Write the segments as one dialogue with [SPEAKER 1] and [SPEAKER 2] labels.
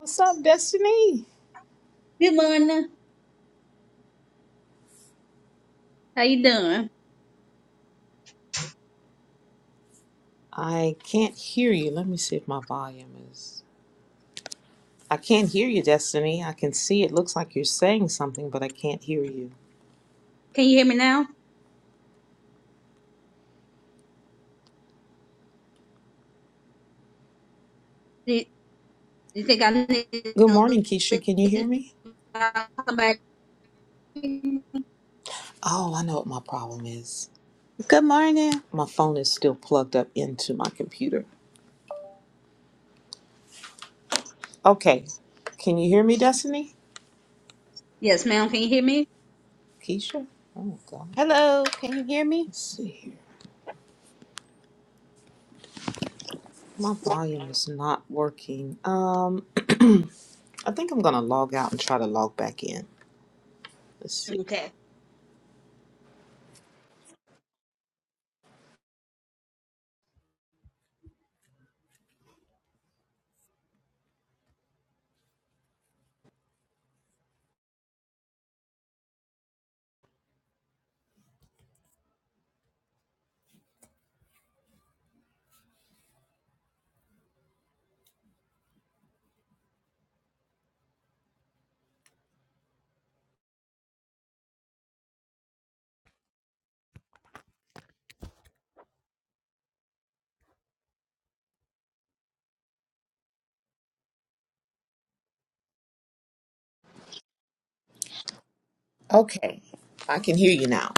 [SPEAKER 1] What's up, Destiny?
[SPEAKER 2] Good morning. How you doing?
[SPEAKER 1] I can't hear you. Let me see if my volume is. I can't hear you, Destiny. I can see it looks like you're saying something, but I can't hear you.
[SPEAKER 2] Can you hear me now? Do you think I need
[SPEAKER 1] Good
[SPEAKER 2] to
[SPEAKER 1] morning, Keisha. Can you hear
[SPEAKER 2] leave?
[SPEAKER 1] me?
[SPEAKER 2] I'll come back?
[SPEAKER 1] Oh, I know what my problem is.
[SPEAKER 3] Good morning.
[SPEAKER 1] My phone is still plugged up into my computer. Okay. Can you hear me, Destiny?
[SPEAKER 2] Yes, ma'am. Can you hear me?
[SPEAKER 1] Keisha? Oh, God.
[SPEAKER 3] Hello. Can you hear me?
[SPEAKER 1] Let's see here. My volume is not working. Um, I think I'm going to log out and try to log back in. Let's see.
[SPEAKER 2] Okay.
[SPEAKER 1] Okay. I can hear you now.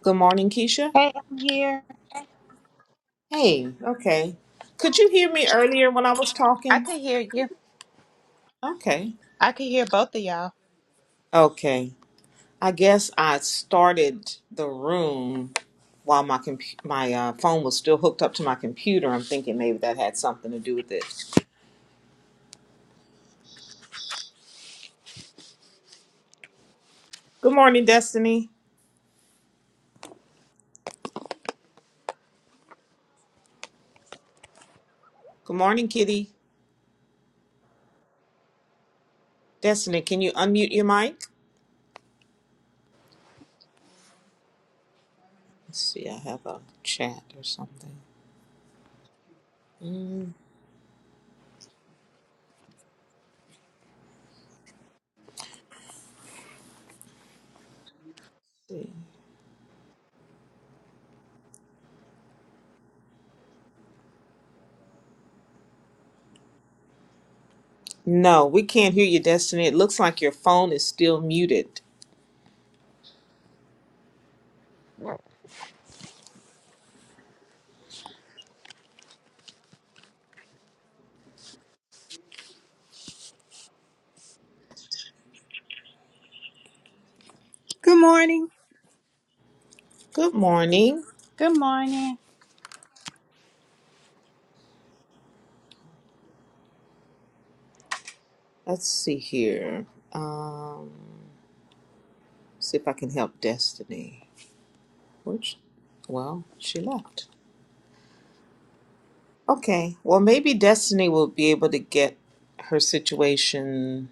[SPEAKER 1] Good morning, Keisha.
[SPEAKER 3] Hey, I'm here.
[SPEAKER 1] Hey, okay. Could you hear me earlier when I was
[SPEAKER 3] I
[SPEAKER 1] talking?
[SPEAKER 3] could hear you.
[SPEAKER 1] Okay.
[SPEAKER 3] I could hear both of y'all.
[SPEAKER 1] Okay. I guess I started the room while my comp- my uh, phone was still hooked up to my computer. I'm thinking maybe that had something to do with it. Good morning, Destiny. Good morning, Kitty. Destiny, can you unmute your mic? Let's see. I have a chat or something. Mm, let's see. No, we can't hear you, Destiny. It looks like your phone is still muted.
[SPEAKER 4] Good morning.
[SPEAKER 1] Good morning.
[SPEAKER 3] Good morning.
[SPEAKER 1] Let's see here. Um, see if I can help Destiny. Which, well, she left. Okay. Well, maybe Destiny will be able to get her situation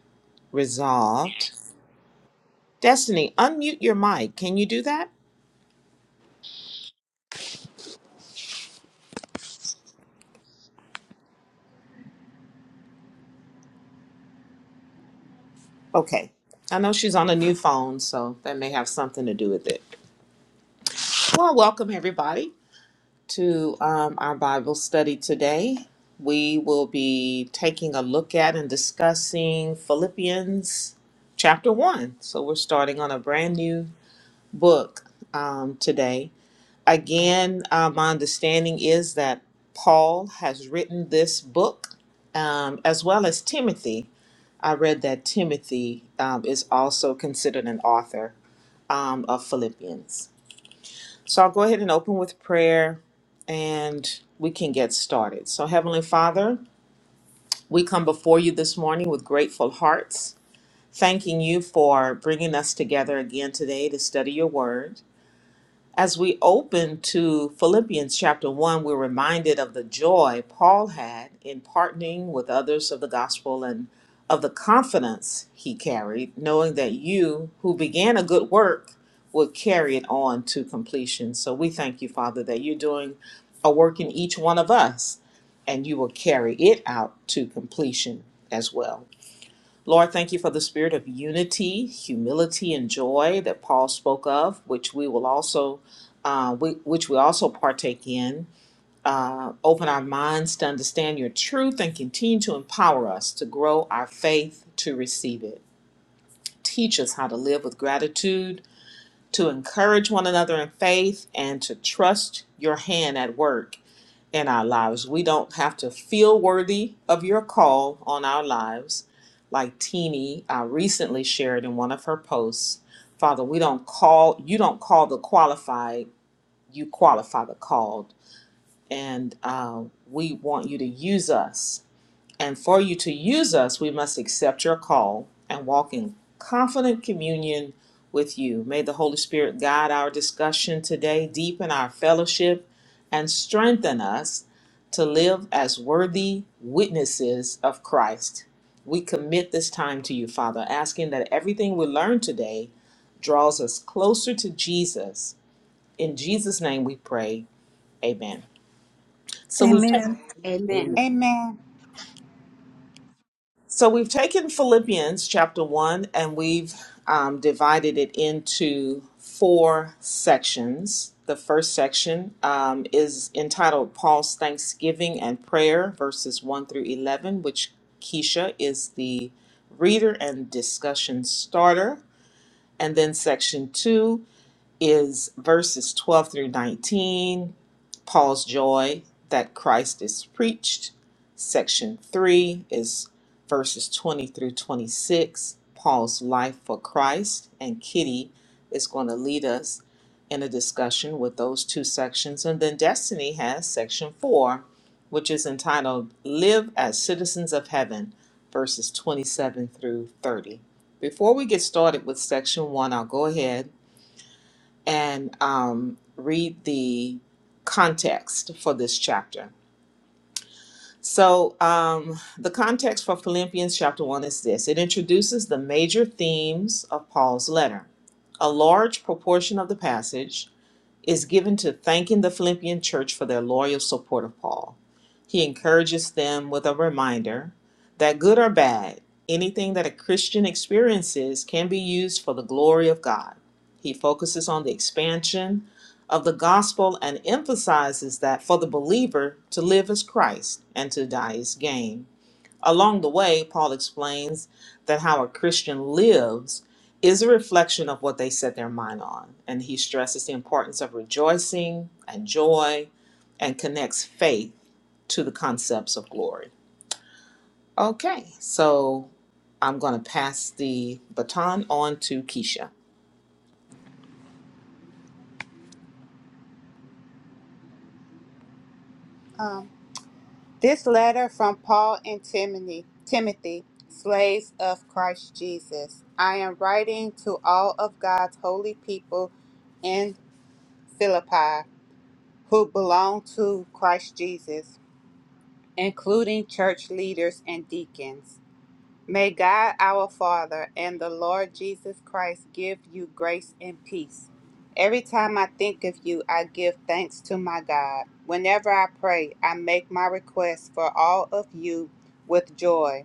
[SPEAKER 1] resolved. Destiny, unmute your mic. Can you do that? Okay. I know she's on a new phone, so that may have something to do with it. Well, welcome everybody. to um, our Bible study today. We will be taking a look at and discussing Philippians chapter 1. So we're starting on a brand new book um, today. Again, uh, my understanding is that Paul has written this book um, as well as Timothy. I read that Timothy um, is also considered an author um, of Philippians. So I'll go ahead and open with prayer and we can get started. So, Heavenly Father, we come before you this morning with grateful hearts, thanking you for bringing us together again today to study your word. As we open to Philippians chapter 1, we're reminded of the joy Paul had in partnering with others of the gospel and of the confidence he carried, knowing that you, who began a good work, would carry it on to completion. So we thank you, Father, that you're doing a work in each one of us and you will carry it out to completion as well. Lord, thank you for the spirit of unity, humility, and joy that Paul spoke of, which we will also, uh, we, which we also partake in. Uh, open our minds to understand your truth and continue to empower us to grow our faith to receive it. Teach us how to live with gratitude, to encourage one another in faith, and to trust your hand at work in our lives. We don't have to feel worthy of your call on our lives. Like Teeny uh, recently shared in one of her posts, Father, we don't call, you don't call the qualified, you qualify the called. And uh, we want you to use us and for you to use us, we must accept your call and walk in confident communion with you. May the Holy Spirit guide our discussion today, deepen our fellowship, and strengthen us to live as worthy witnesses of Christ. We commit this time to you, Father, asking that everything we learn today draws us closer to Jesus. In Jesus' name we pray. Amen. So we
[SPEAKER 4] Amen.
[SPEAKER 2] Amen.
[SPEAKER 3] Amen.
[SPEAKER 1] So we've taken Philippians chapter one and we've um, divided it into four sections. The first section um, is entitled Paul's Thanksgiving and Prayer, verses 1 through 11, which Keisha is the reader and discussion starter. And then section two is verses 12 through 19, Paul's joy that Christ is preached. Section 3 is verses 20 through 26, Paul's life for Christ. And Kitty is going to lead us in a discussion with those two sections. And then Destiny has section 4, which is entitled Live as Citizens of Heaven, verses 27 through 30. Before we get started with section 1, I'll go ahead and um, read the context for this chapter. So, um, the context for Philippians chapter 1 is this it introduces the major themes of Paul's letter. A large proportion of the passage is given to thanking the Philippian church for their loyal support of Paul. He encourages them with a reminder that good or bad, anything that a Christian experiences can be used for the glory of God. He focuses on the expansion of the gospel and emphasizes that for the believer to live is Christ and to die is gain. Along the way, Paul explains that how a Christian lives is a reflection of what they set their mind on. And he stresses the importance of rejoicing and joy and connects faith to the concepts of glory. Okay, so I'm going to pass the baton on to Keisha.
[SPEAKER 3] Um, this letter from Paul and Timothy, Timothy, slaves of Christ Jesus. I am writing to all of God's holy people in Philippi who belong to Christ Jesus, including church leaders and deacons. May God our Father and the Lord Jesus Christ give you grace and peace. Every time I think of you, I give thanks to my God. Whenever I pray, I make my requests for all of you with joy,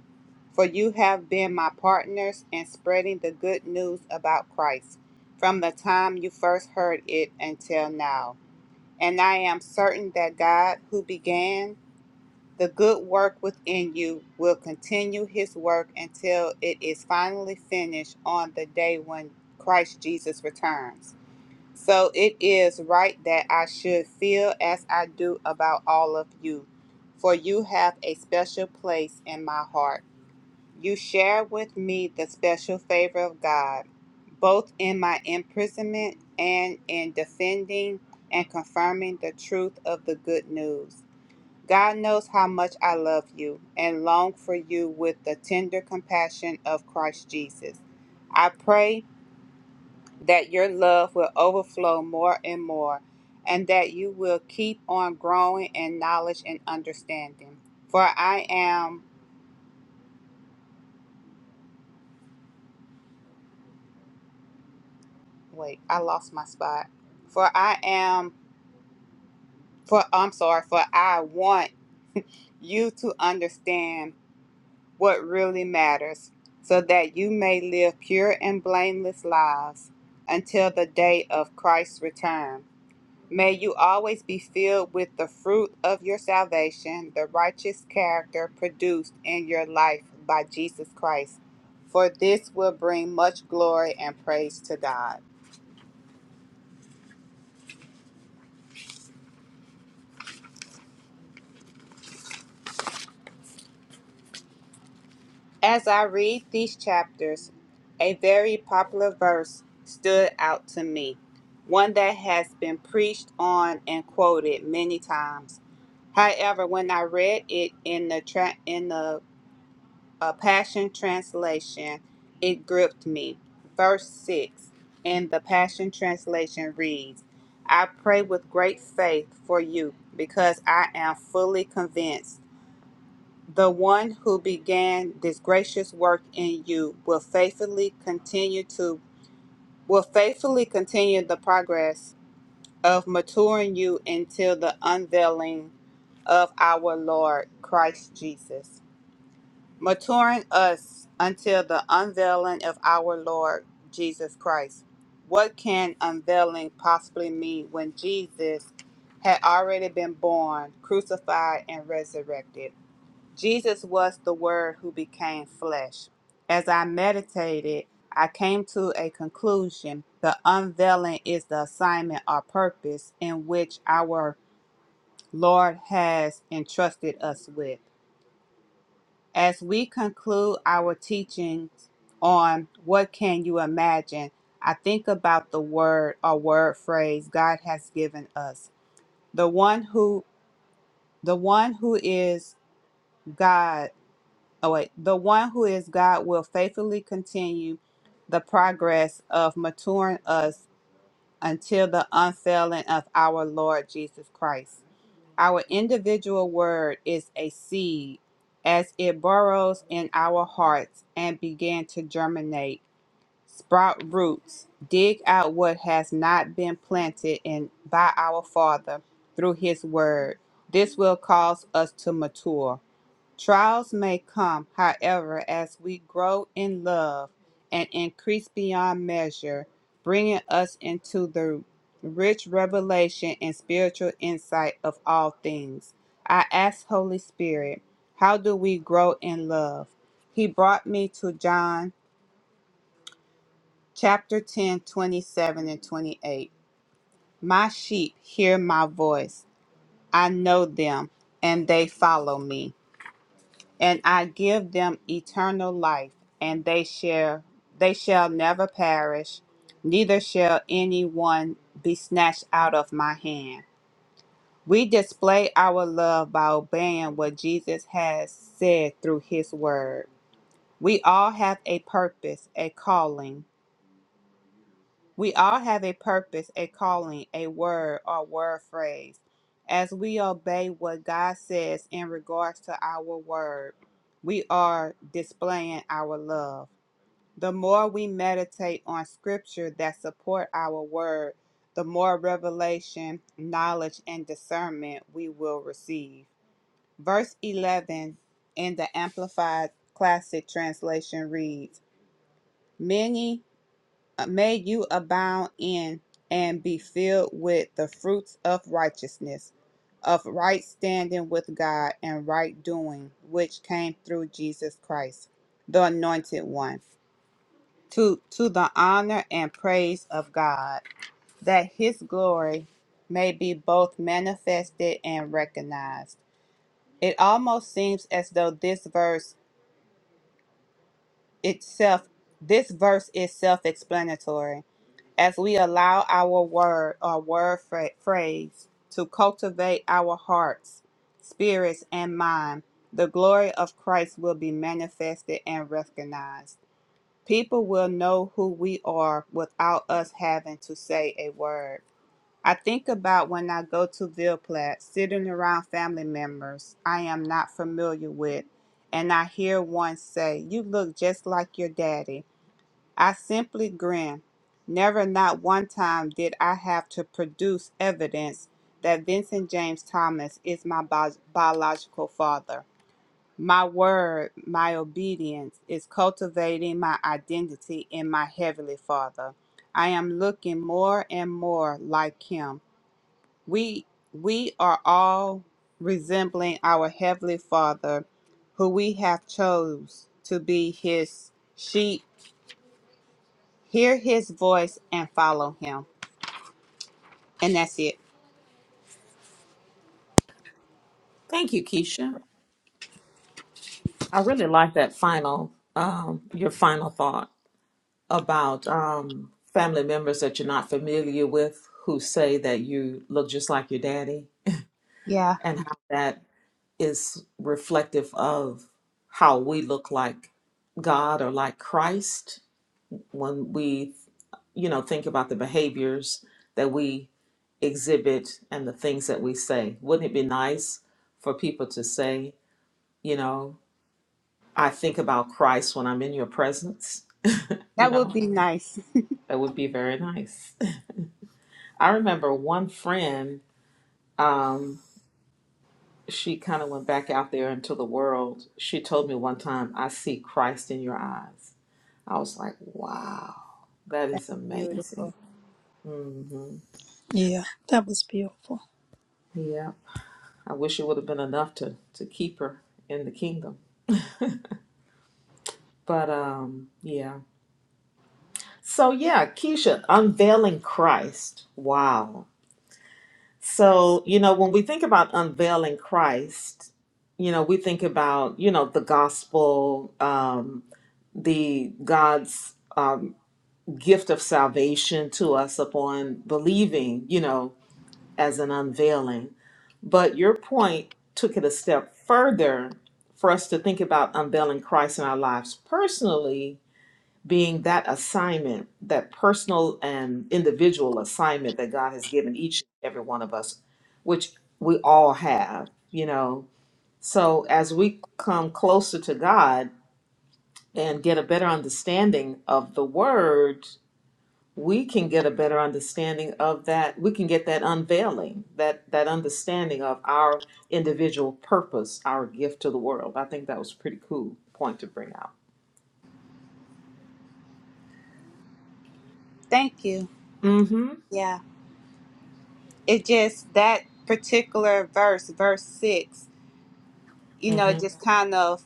[SPEAKER 3] for you have been my partners in spreading the good news about Christ from the time you first heard it until now. And I am certain that God, who began, the good work within you will continue his work until it is finally finished on the day when Christ Jesus returns. So it is right that I should feel as I do about all of you, for you have a special place in my heart. You share with me the special favor of God, both in my imprisonment and in defending and confirming the truth of the good news. God knows how much I love you and long for you with the tender compassion of Christ Jesus. I pray that your love will overflow more and more and that you will keep on growing in knowledge and understanding. For I am, wait, I lost my spot. For I am, for I'm sorry, for I want you to understand what really matters, so that you may live pure and blameless lives until the day of Christ's return. May you always be filled with the fruit of your salvation, the righteous character produced in your life by Jesus Christ, for this will bring much glory and praise to God. As I read these chapters, a very popular verse stood out to me, one that has been preached on and quoted many times. However, when I read it in the tra- in the uh, Passion translation, it gripped me. Verse 6 in the Passion translation reads, "I pray with great faith for you because I am fully convinced the one who began this gracious work in you will faithfully continue to will faithfully continue the progress of maturing you until the unveiling of our Lord Christ Jesus. Maturing us until the unveiling of our Lord Jesus Christ. What can unveiling possibly mean when Jesus had already been born, crucified, and resurrected? Jesus was the Word who became flesh. As I meditated, I came to a conclusion. The unveiling is the assignment or purpose in which our Lord has entrusted us with. As we conclude our teachings on what can you imagine, I think about the word or word phrase God has given us. The one who the one who is God Oh wait, the one who is God will faithfully continue the progress of maturing us until the unfailing of our Lord Jesus Christ. Our individual word is a seed as it burrows in our hearts and begin to germinate, sprout roots, dig out what has not been planted in by our Father through his word. This will cause us to mature. Trials may come, however, as we grow in love and increase beyond measure, bringing us into the rich revelation and spiritual insight of all things. I asked Holy Spirit, How do we grow in love? He brought me to John chapter 10, 27 and 28. My sheep hear my voice. I know them, and they follow me. and I give them eternal life, and they shall they shall never perish, neither shall any one be snatched out of my hand. We display our love by obeying what Jesus has said through his word. We all have a purpose, a calling, we all have a purpose, a calling, a word, or word phrase. As we obey what God says in regards to our word, we are displaying our love. The more we meditate on scripture that support our word, the more revelation, knowledge, and discernment we will receive. Verse 11 in the Amplified Classic Translation reads, Many uh, may you abound in and be filled with the fruits of righteousness, of right standing with God and right doing, which came through Jesus Christ, the anointed one, to, to the honor and praise of God, that his glory may be both manifested and recognized. It almost seems as though this verse itself this verse is self-explanatory as we allow our word or word phra- phrase to cultivate our hearts, spirits, and mind, the glory of Christ will be manifested and recognized. People will know who we are without us having to say a word. I think about when I go to Ville Platte, sitting around family members I am not familiar with, and I hear one say, You look just like your daddy. I simply grinned. Never, not one time, did I have to produce evidence that Vincent James Thomas is my bi- biological father. My word, my obedience is cultivating my identity in my Heavenly Father. I am looking more and more like Him. We, we are all resembling our Heavenly Father, who we have chose to be His sheep Hear his voice and follow him. And that's it.
[SPEAKER 1] Thank you, Keisha. I really like that final, um, your final thought. about um, family members that you're not familiar with who say that you look just like your daddy
[SPEAKER 3] Yeah,
[SPEAKER 1] and how that is reflective of how we look like God or like Christ when we you know think about the behaviors that we exhibit and the things that we say wouldn't it be nice for people to say you know I think about Christ when I'm in your presence you
[SPEAKER 3] that would
[SPEAKER 1] know
[SPEAKER 3] be nice.
[SPEAKER 1] that would be very nice I remember one friend Um, she kind of went back out there into the world. She told me one time, I see Christ in your eyes. I was like, wow, that is amazing.
[SPEAKER 3] Beautiful.
[SPEAKER 1] hmm
[SPEAKER 4] Yeah, that was beautiful.
[SPEAKER 1] Yep. I wish it would have been enough to, to keep her in the kingdom. But um, yeah. So yeah, Keisha, unveiling Christ. Wow. So, you know, when we think about unveiling Christ, you know, we think about, you know, the gospel, Um. the God's um, gift of salvation to us upon believing, you know, as an unveiling. But your point took it a step further for us to think about unveiling Christ in our lives personally, being that assignment, that personal and individual assignment that God has given each and every one of us, which we all have, you know. So as we come closer to God, and get a better understanding of the word we can get a better understanding of that we can get that unveiling that that understanding of our individual purpose our gift to the world i think that was a pretty cool point to bring out
[SPEAKER 3] Thank you.
[SPEAKER 1] mm-hmm
[SPEAKER 3] Yeah. It just, that particular verse, verse six, you know,
[SPEAKER 1] mm-hmm
[SPEAKER 3] it just kind of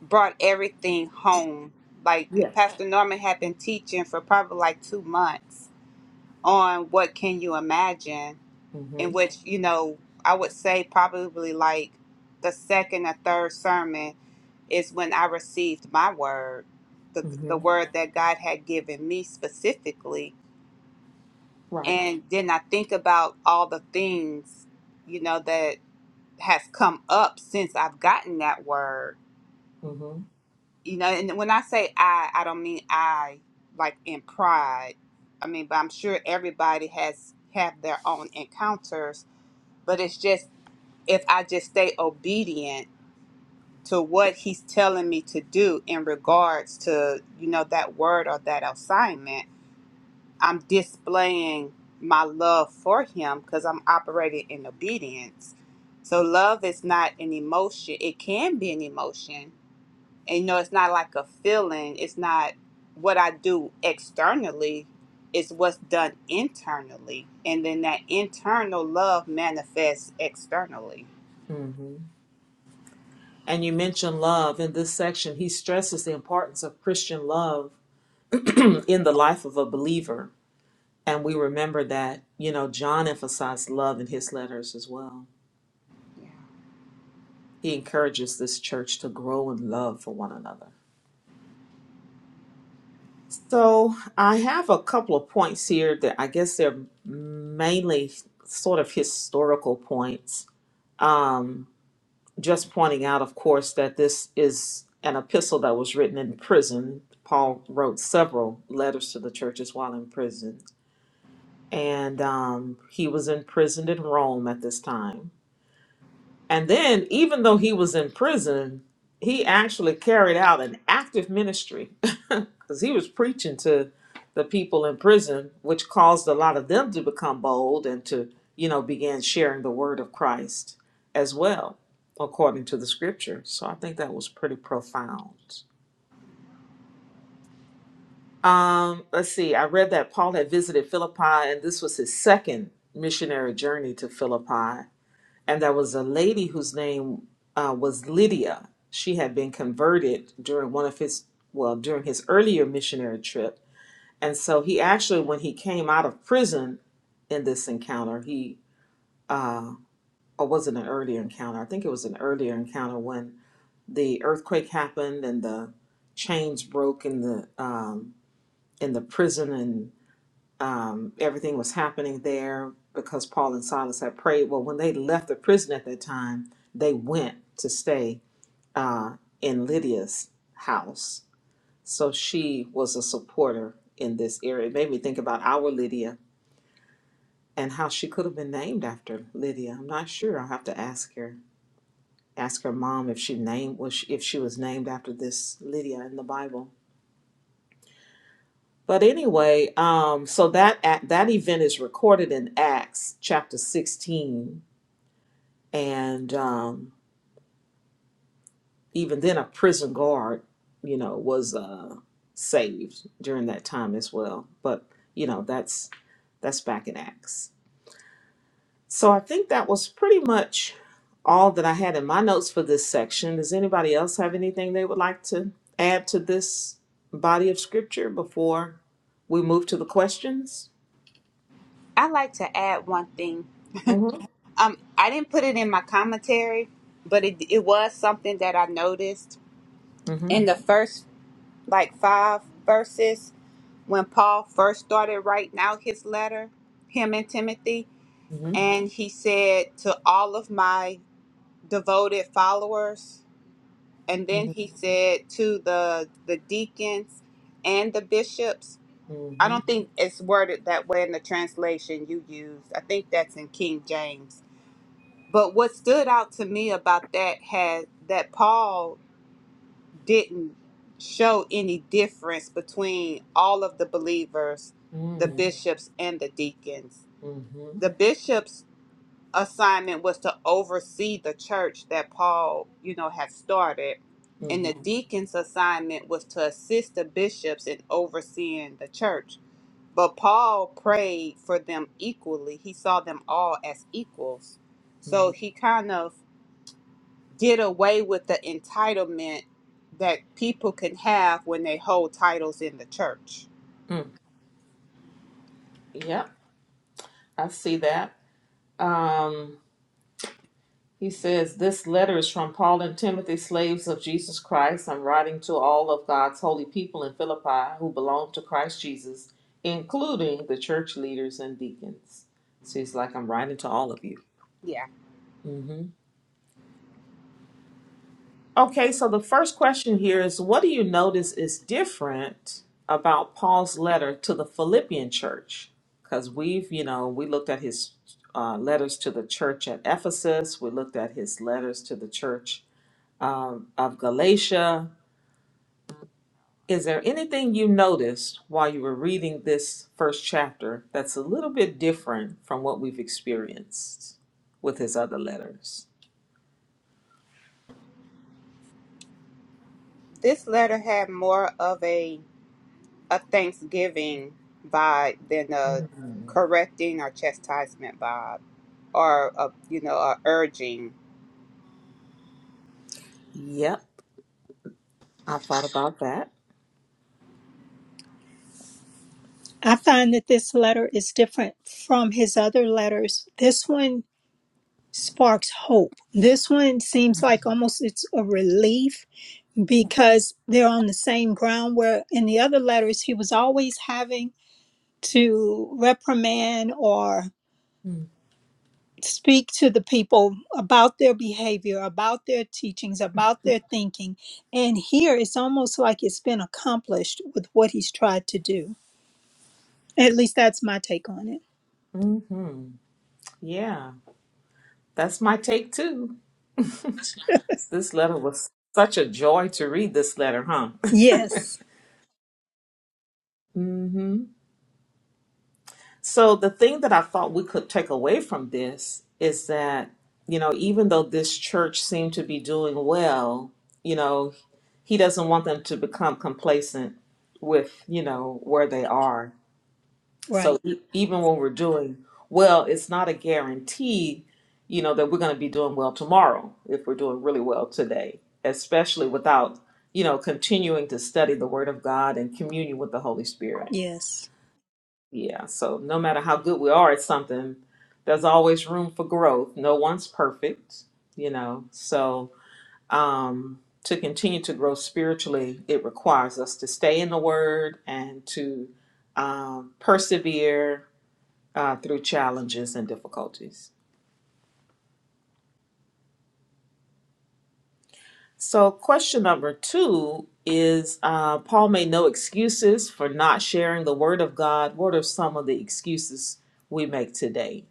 [SPEAKER 3] brought everything home. Like
[SPEAKER 1] yeah
[SPEAKER 3] Pastor Norman had been teaching for probably like two months on what can you imagine, in
[SPEAKER 1] mm-hmm
[SPEAKER 3] which, you know, I would say probably like the second or third sermon is when I received my word, the
[SPEAKER 1] mm-hmm
[SPEAKER 3] the word that God had given me specifically,
[SPEAKER 1] right
[SPEAKER 3] and then I think about all the things, you know, that has come up since I've gotten that word.
[SPEAKER 1] mm-hmm
[SPEAKER 3] You know, and when I say I, I don't mean I like in pride. I mean, but I'm sure everybody has have their own encounters, but it's just if I just stay obedient to what he's telling me to do in regards to you know that word or that assignment i'm displaying my love for him because i'm operating in obedience so love is not an emotion it can be an emotion and you know it's not like a feeling it's not what i do externally it's what's done internally and then that internal love manifests externally
[SPEAKER 1] mm-hmm and you mentioned love in this section he stresses the importance of christian love in the life of a believer And we remember that, you know, John emphasized love in his letters as well.
[SPEAKER 3] yeah.
[SPEAKER 1] He encourages this church to grow in love for one another. So I have a couple of points here that I guess they're mainly sort of historical points. Um, just pointing out, of course, that this is an epistle that was written in prison. Paul wrote several letters to the churches while in prison. And um, he was imprisoned in Rome at this time And then, even though he was in prison, he actually carried out an active ministry because he was preaching to the people in prison, which caused a lot of them to become bold and to, you know, begin sharing the word of Christ as well, according to the scripture. So I think that was pretty profound. Um, let's see, I read that Paul had visited Philippi, and this was his second missionary journey to Philippi and there was a lady whose name uh, was Lydia. She had been converted during one of his well during his earlier missionary trip, and so he actually when he came out of prison in this encounter, he or was it an earlier encounter? I think it was an earlier encounter when the earthquake happened and the chains broke in the um, in the prison and um, everything was happening there because Paul and Silas had prayed. Well, when they left the prison at that time, they went to stay uh, in Lydia's house. So she was a supporter in this area. It made me think about our Lydia and how she could have been named after Lydia. I'm not sure. I'll have to ask her. Ask her mom if she named was she, if she was named after this Lydia in the Bible. But anyway, um, so that act- that event is recorded in Acts chapter 16, and um, even then a prison guard you know was uh saved during that time as well but you know that's that's back in acts so i think that was pretty much all that i had in my notes for this section does anybody else have anything they would like to add to this body of scripture before we move to the questions
[SPEAKER 3] i like to add one thing
[SPEAKER 1] mm-hmm
[SPEAKER 3] Um, I didn't put it in my commentary, but it it was something that I noticed
[SPEAKER 1] mm-hmm
[SPEAKER 3] in the first like five verses when Paul first started writing out his letter, him and Timothy, and he said to all of my devoted followers, and then
[SPEAKER 1] mm-hmm
[SPEAKER 3] he said to the the deacons and the bishops. I
[SPEAKER 1] mm-hmm
[SPEAKER 3] don't think it's worded that way in the translation you used. I think that's in King James But what stood out to me about that had that Paul didn't show any difference between all of the believers, the
[SPEAKER 1] mm-hmm
[SPEAKER 3] bishops and the deacons.
[SPEAKER 1] mm-hmm mm-hmm
[SPEAKER 3] The bishops' assignment was to oversee the church that Paul, you know, had started,
[SPEAKER 1] mm-hmm
[SPEAKER 3] and the deacons' assignment was to assist the bishops in overseeing the church. But Paul prayed for them equally. He saw them all as equals.
[SPEAKER 1] mm-hmm
[SPEAKER 3] So he kind of get away with the entitlement that people can have when they hold titles in the church.
[SPEAKER 1] mm. yep i see that um He says, This letter is from Paul and Timothy, slaves of Jesus Christ. I'm writing to all of God's holy people in Philippi who belong to Christ Jesus, including the church leaders and deacons. So he's like, I'm writing to all of you.
[SPEAKER 3] Yeah.
[SPEAKER 1] hmm Okay, so the first question here is What do you notice is different about Paul's letter to the Philippian church? Because we've, you know, we looked at his uh, letters to the church at Ephesus, we looked at his letters to the church um, of Galatia. Is there anything you noticed while you were reading this first chapter that's a little bit different from what we've experienced with his other letters?
[SPEAKER 3] This letter had more of a a thanksgiving vibe than a
[SPEAKER 1] Mm.
[SPEAKER 3] correcting or chastisement vibe or a you know a urging.
[SPEAKER 1] Yep, I thought about that.
[SPEAKER 4] I find that this letter is different from his other letters. This one sparks hope. This one seems like almost it's a relief because they're on the same ground where in the other letters he was always having to reprimand or speak to the people about their behavior, about their teachings, about their thinking. And here it's almost like it's been accomplished with what he's tried to do. At least that's my take on it.
[SPEAKER 1] Mm-hmm. Yeah, that's my take too. This letter was such a joy to read this letter, huh?
[SPEAKER 4] Yes,
[SPEAKER 1] mm-hmm. So the thing that I thought we could take away from this is that, you know, even though this church seemed to be doing well, you know, he doesn't want them to become complacent with, you know, where they are. So
[SPEAKER 4] right.
[SPEAKER 1] e- even when we're doing well, it's not a guarantee, you know, that we're going to be doing well tomorrow if we're doing really well today, especially without, you know, continuing to study the word of God and communion with the Holy Spirit.
[SPEAKER 4] Yes.
[SPEAKER 1] Yeah, so no matter how good we are at something, there's always room for growth. No one's perfect, you know. So, um, to continue to grow spiritually, it requires us to stay in the Word and to um, persevere uh, through challenges and difficulties. So, question number two is uh, Paul made no excuses for not sharing the Word of God. What are some of the excuses we make today?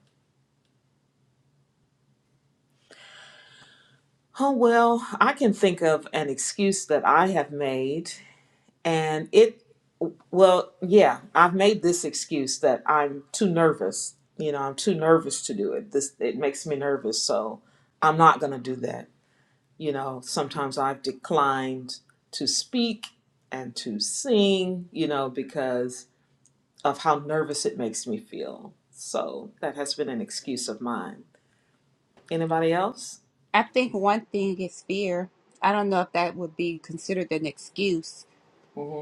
[SPEAKER 1] Oh, well, I can think of an excuse that I have made, and it, well, yeah, I've made this excuse that I'm too nervous. You know, I'm too nervous to do it. This, it makes me nervous, so I'm not going to do that. You know, sometimes I've declined to speak and to sing, you know, because of how nervous it makes me feel. So that has been an excuse of mine. Anybody else?
[SPEAKER 3] I think one thing is fear. I don't know if that would be considered an excuse,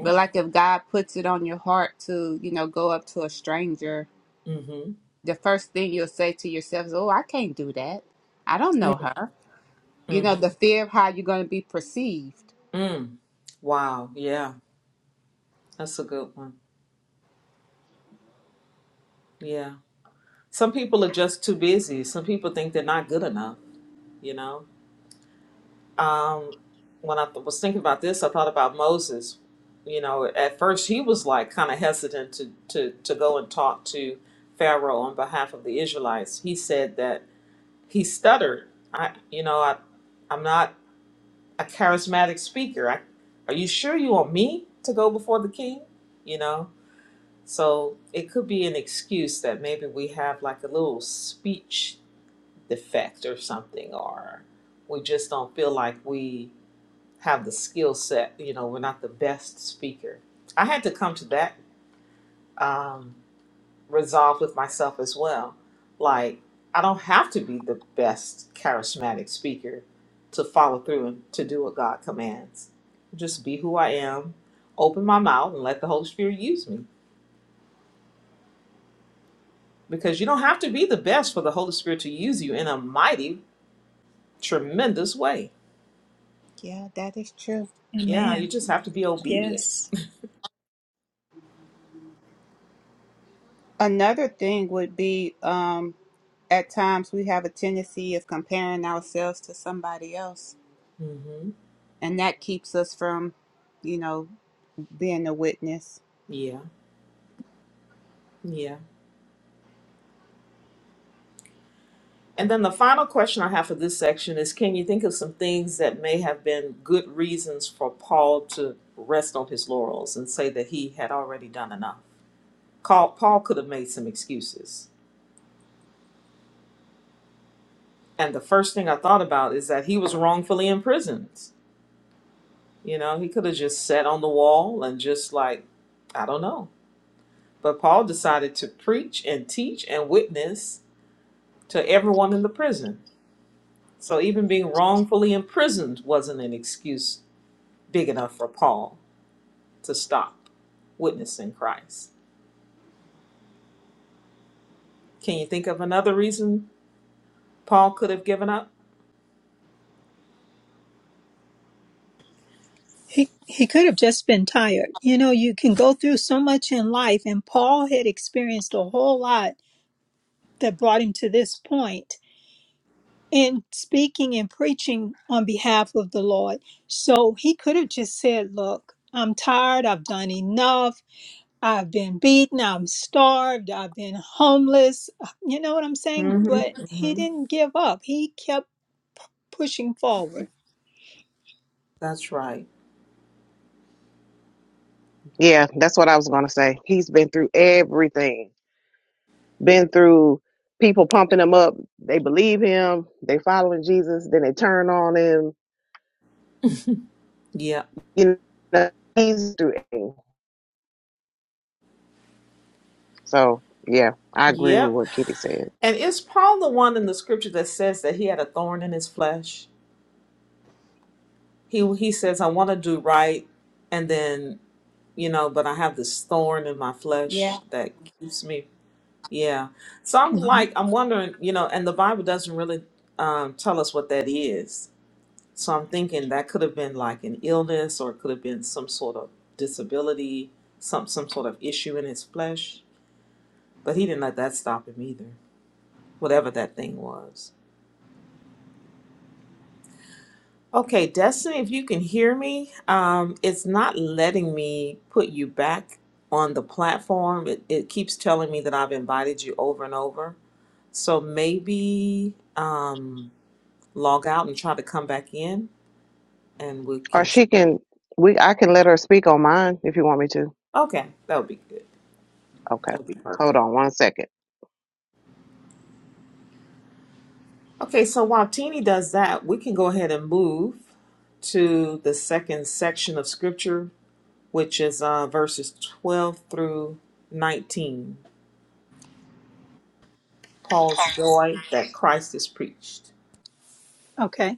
[SPEAKER 3] but like if God puts it on your heart to, you know, go up to a stranger
[SPEAKER 1] Mm-hmm.
[SPEAKER 3] the first thing you'll say to yourself is, Oh, I can't do that. I don't know her. You
[SPEAKER 1] Mm-hmm.
[SPEAKER 3] know, the fear of how you're going to be perceived.
[SPEAKER 1] Mm. Wow. Yeah. That's a good one. Yeah. Some people are just too busy. Some people think they're not good enough, you know? Um, when I th- was thinking about this, I thought about Moses. You know, at first he was like kind of hesitant to, to, to go and talk to Pharaoh on behalf of the Israelites. He said that he stuttered. I, you know, I, I'm not a charismatic speaker. I, are you sure you want me to go before the king? You know? So it could be an excuse that maybe we have like a little speech defect or something, or we just don't feel like we have the skill set. You know, we're not the best speaker. I had to come to that um, resolve with myself as well. Like, I don't have to be the best charismatic speaker to follow through and to do what God commands. Just be who I am, open my mouth, and let the Holy Spirit use me. because you don't have to be the best for the Holy Spirit to use you in a mighty, tremendous way.
[SPEAKER 3] Yeah, that is true.
[SPEAKER 1] Yeah, you
[SPEAKER 4] Amen.
[SPEAKER 1] just have to be obedient.
[SPEAKER 4] Yes.
[SPEAKER 3] Another thing would be um, at times we have a tendency of comparing ourselves to somebody else,
[SPEAKER 1] hmm
[SPEAKER 3] and that keeps us from, you know, being a witness.
[SPEAKER 1] Yeah, yeah. And then the final question I have for this section is Can you think of some things that may have been good reasons for Paul to rest on his laurels and say that he had already done enough? Paul Paul could have made some excuses. And the first thing I thought about is that he was wrongfully imprisoned. You know, he could have just sat on the wall and just like, I don't know, But Paul decided to preach and teach and witness to everyone in the prison. So even being wrongfully imprisoned wasn't an excuse big enough for Paul to stop witnessing Christ. Can you think of another reason Paul could have given up?
[SPEAKER 4] He, he could have just been tired. You know, you can go through so much in life, and Paul had experienced a whole lot that brought him to this point. and speaking and preaching on behalf of the Lord. So he could have just said, Look, I'm tired. I've done enough. I've been beaten. I'm starved. I've been homeless. You know what I'm saying? But
[SPEAKER 1] Mm-hmm.
[SPEAKER 4] he
[SPEAKER 1] hmm
[SPEAKER 4] didn't give up. He kept pushing forward.
[SPEAKER 1] That's right.
[SPEAKER 5] Yeah, that's what I was gonna say. He's been through everything. Been through people pumping him up. They believe him. They following Jesus. Then they turn on him.
[SPEAKER 1] Yep.
[SPEAKER 5] You know, he's through everything. So yeah, I agree with
[SPEAKER 1] Yep.
[SPEAKER 5] what Kitty said.
[SPEAKER 1] And is Paul the one in the scripture that says that he had a thorn in his flesh? He he says, I want to do right, and then you know, but I have this thorn in my
[SPEAKER 3] Yeah.
[SPEAKER 1] flesh that keeps me. Yeah. So I'm
[SPEAKER 4] Mhm.
[SPEAKER 1] like, I'm wondering, you know, and the Bible doesn't really um, tell us what that is. So I'm thinking that could have been like an illness or it could have been some sort of disability, some, some sort of issue in his flesh. But he didn't let that stop him either, whatever that thing was. Okay, Destiny, if you can hear me, um, it's not letting me put you back on the platform. It, it keeps telling me that I've invited you over and over. So maybe um, log out and try to come back in and we
[SPEAKER 5] Or
[SPEAKER 1] can.
[SPEAKER 5] she can. We I can let her speak on mine if you want me to.
[SPEAKER 1] Okay, that would be good.
[SPEAKER 5] Okay,
[SPEAKER 1] That would be
[SPEAKER 5] hold
[SPEAKER 1] perfect.
[SPEAKER 5] on one second.
[SPEAKER 1] Okay, so while Teeny does that, we can go ahead and move to the second section of scripture, which is uh, verses 12 through 19. Paul's joy that Christ is preached.
[SPEAKER 4] Okay.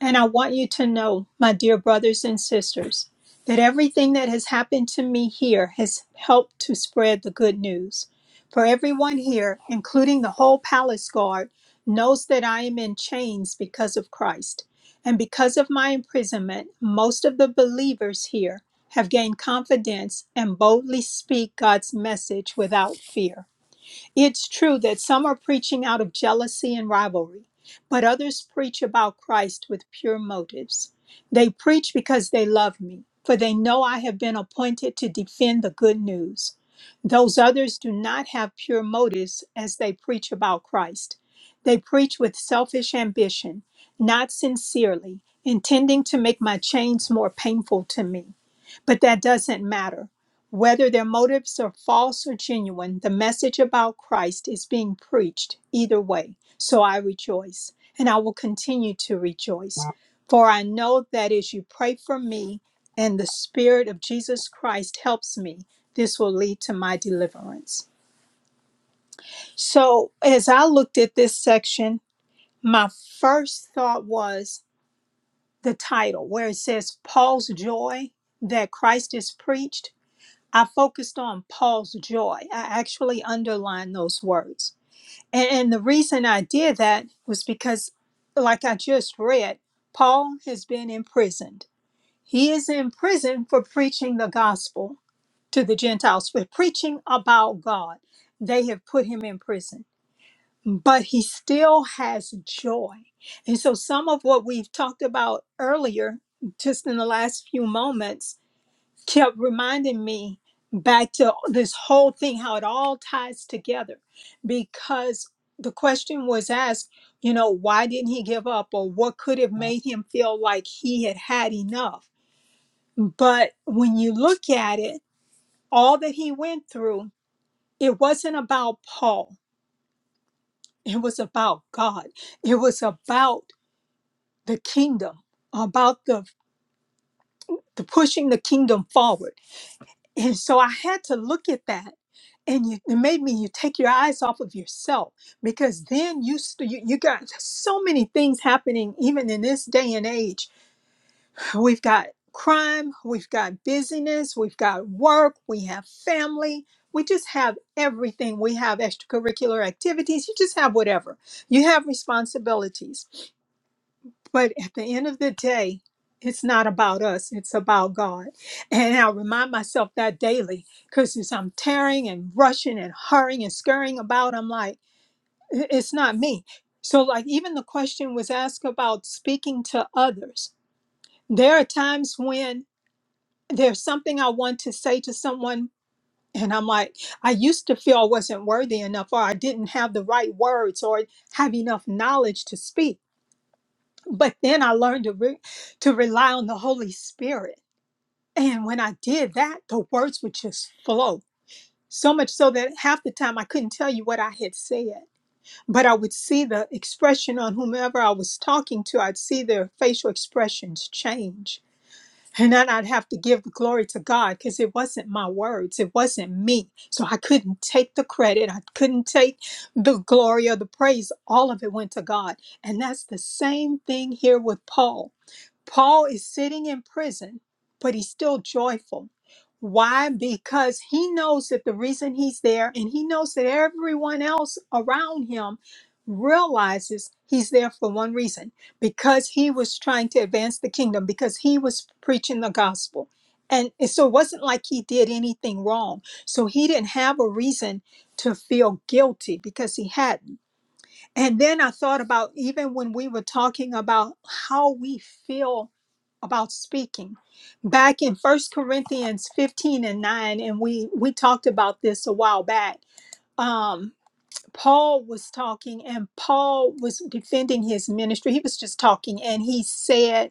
[SPEAKER 4] And I want you to know, my dear brothers and sisters, that everything that has happened to me here has helped to spread the good news. For everyone here, including the whole palace guard, knows that I am in chains because of Christ. And because of my imprisonment, most of the believers here have gained confidence and boldly speak God's message without fear. It's true that some are preaching out of jealousy and rivalry, but others preach about Christ with pure motives. They preach because they love me, for they know I have been appointed to defend the good news. Those others do not have pure motives as they preach about Christ. They preach with selfish ambition, not sincerely, intending to make my chains more painful to me. But that doesn't matter. Whether their motives are false or genuine, the message about Christ is being preached either way. So I rejoice, and I will continue to rejoice. For I know that as you pray for me and the Spirit of Jesus Christ helps me, this will lead to my deliverance. So as I looked at this section, my first thought was the title, where it says, Paul's joy that Christ is preached. I focused on Paul's joy. I actually underlined those words. And, and the reason I did that was because, like I just read, Paul has been imprisoned. He is in prison for preaching the gospel to the Gentiles, for preaching about God. They have put him in prison, but he still has joy. And so, some of what we've talked about earlier, just in the last few moments, kept reminding me back to this whole thing, how it all ties together. Because the question was asked, you know, why didn't he give up or what could have made him feel like he had had enough? But when you look at it, all that he went through, it wasn't about Paul, it was about God, it was about the kingdom, about the, the pushing the kingdom forward And so I had to look at that. And you, it made me you take your eyes off of yourself because then you, st- you you got so many things happening even in this day and age. We've got crime, we've got busyness, we've got work, we have family, we just have everything. We have extracurricular activities. You just have whatever. You have responsibilities but at the end of the day, it's not about us, it's about God. And I remind myself that daily because as I'm tearing and rushing and hurrying and scurrying about, I'm like, "I- it's not me. So, like, even the question was asked about speaking to others. There are times when there's something I want to say to someone, and I'm like, I used to feel I wasn't worthy enough, or I didn't have the right words, or have enough knowledge to speak but then I learned to re- to rely on the Holy Spirit. And when I did that, the words would just flow. So much so that half the time I couldn't tell you what I had said, but I would see the expression on whomever I was talking to. I'd see their facial expressions change. And then I'd have to give the glory to God because it wasn't my words. It wasn't me. So I couldn't take the credit. I couldn't take the glory or the praise. All of it went to God. And that's the same thing here with Paul. Paul is sitting in prison, but he's still joyful. Why? Because he knows that the reason he's there and he knows that everyone else around him realizes he's there for one reason because he was trying to advance the kingdom, because he was preaching the gospel. And and so it wasn't like he did anything wrong. So he didn't have a reason to feel guilty because he hadn't. And then I thought about even when we were talking about how we feel about speaking. Back in First Corinthians 15 and 9, and we we talked about this a while back. Um, Paul was talking and Paul was defending his ministry. He was just talking and he said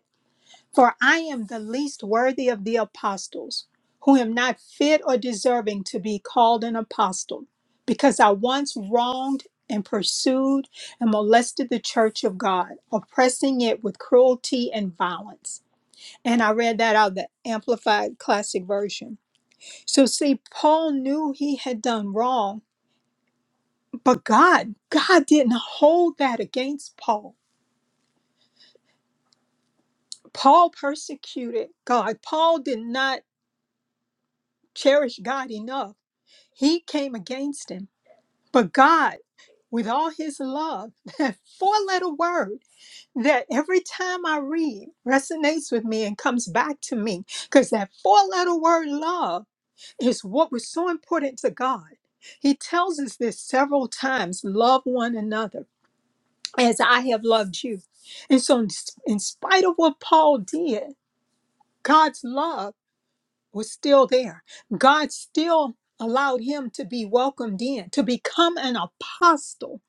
[SPEAKER 4] for I am the least worthy of the apostles, who am not fit or deserving to be called an apostle, because I once wronged and pursued and molested the church of God, oppressing it with cruelty and violence. And I read that out of the Amplified Classic Version. So, see, Paul knew he had done wrong, but God, God didn't hold that against Paul. Paul persecuted God. Paul did not cherish God enough He came against him. But God, with all his love, that four letter word that every time I read resonates with me and comes back to me, because that four letter word love is what was so important to God. He tells us this several times love one another as I have loved you. And so, in in spite of what Paul did, God's love was still there. God still allowed him to be welcomed in, to become an apostle.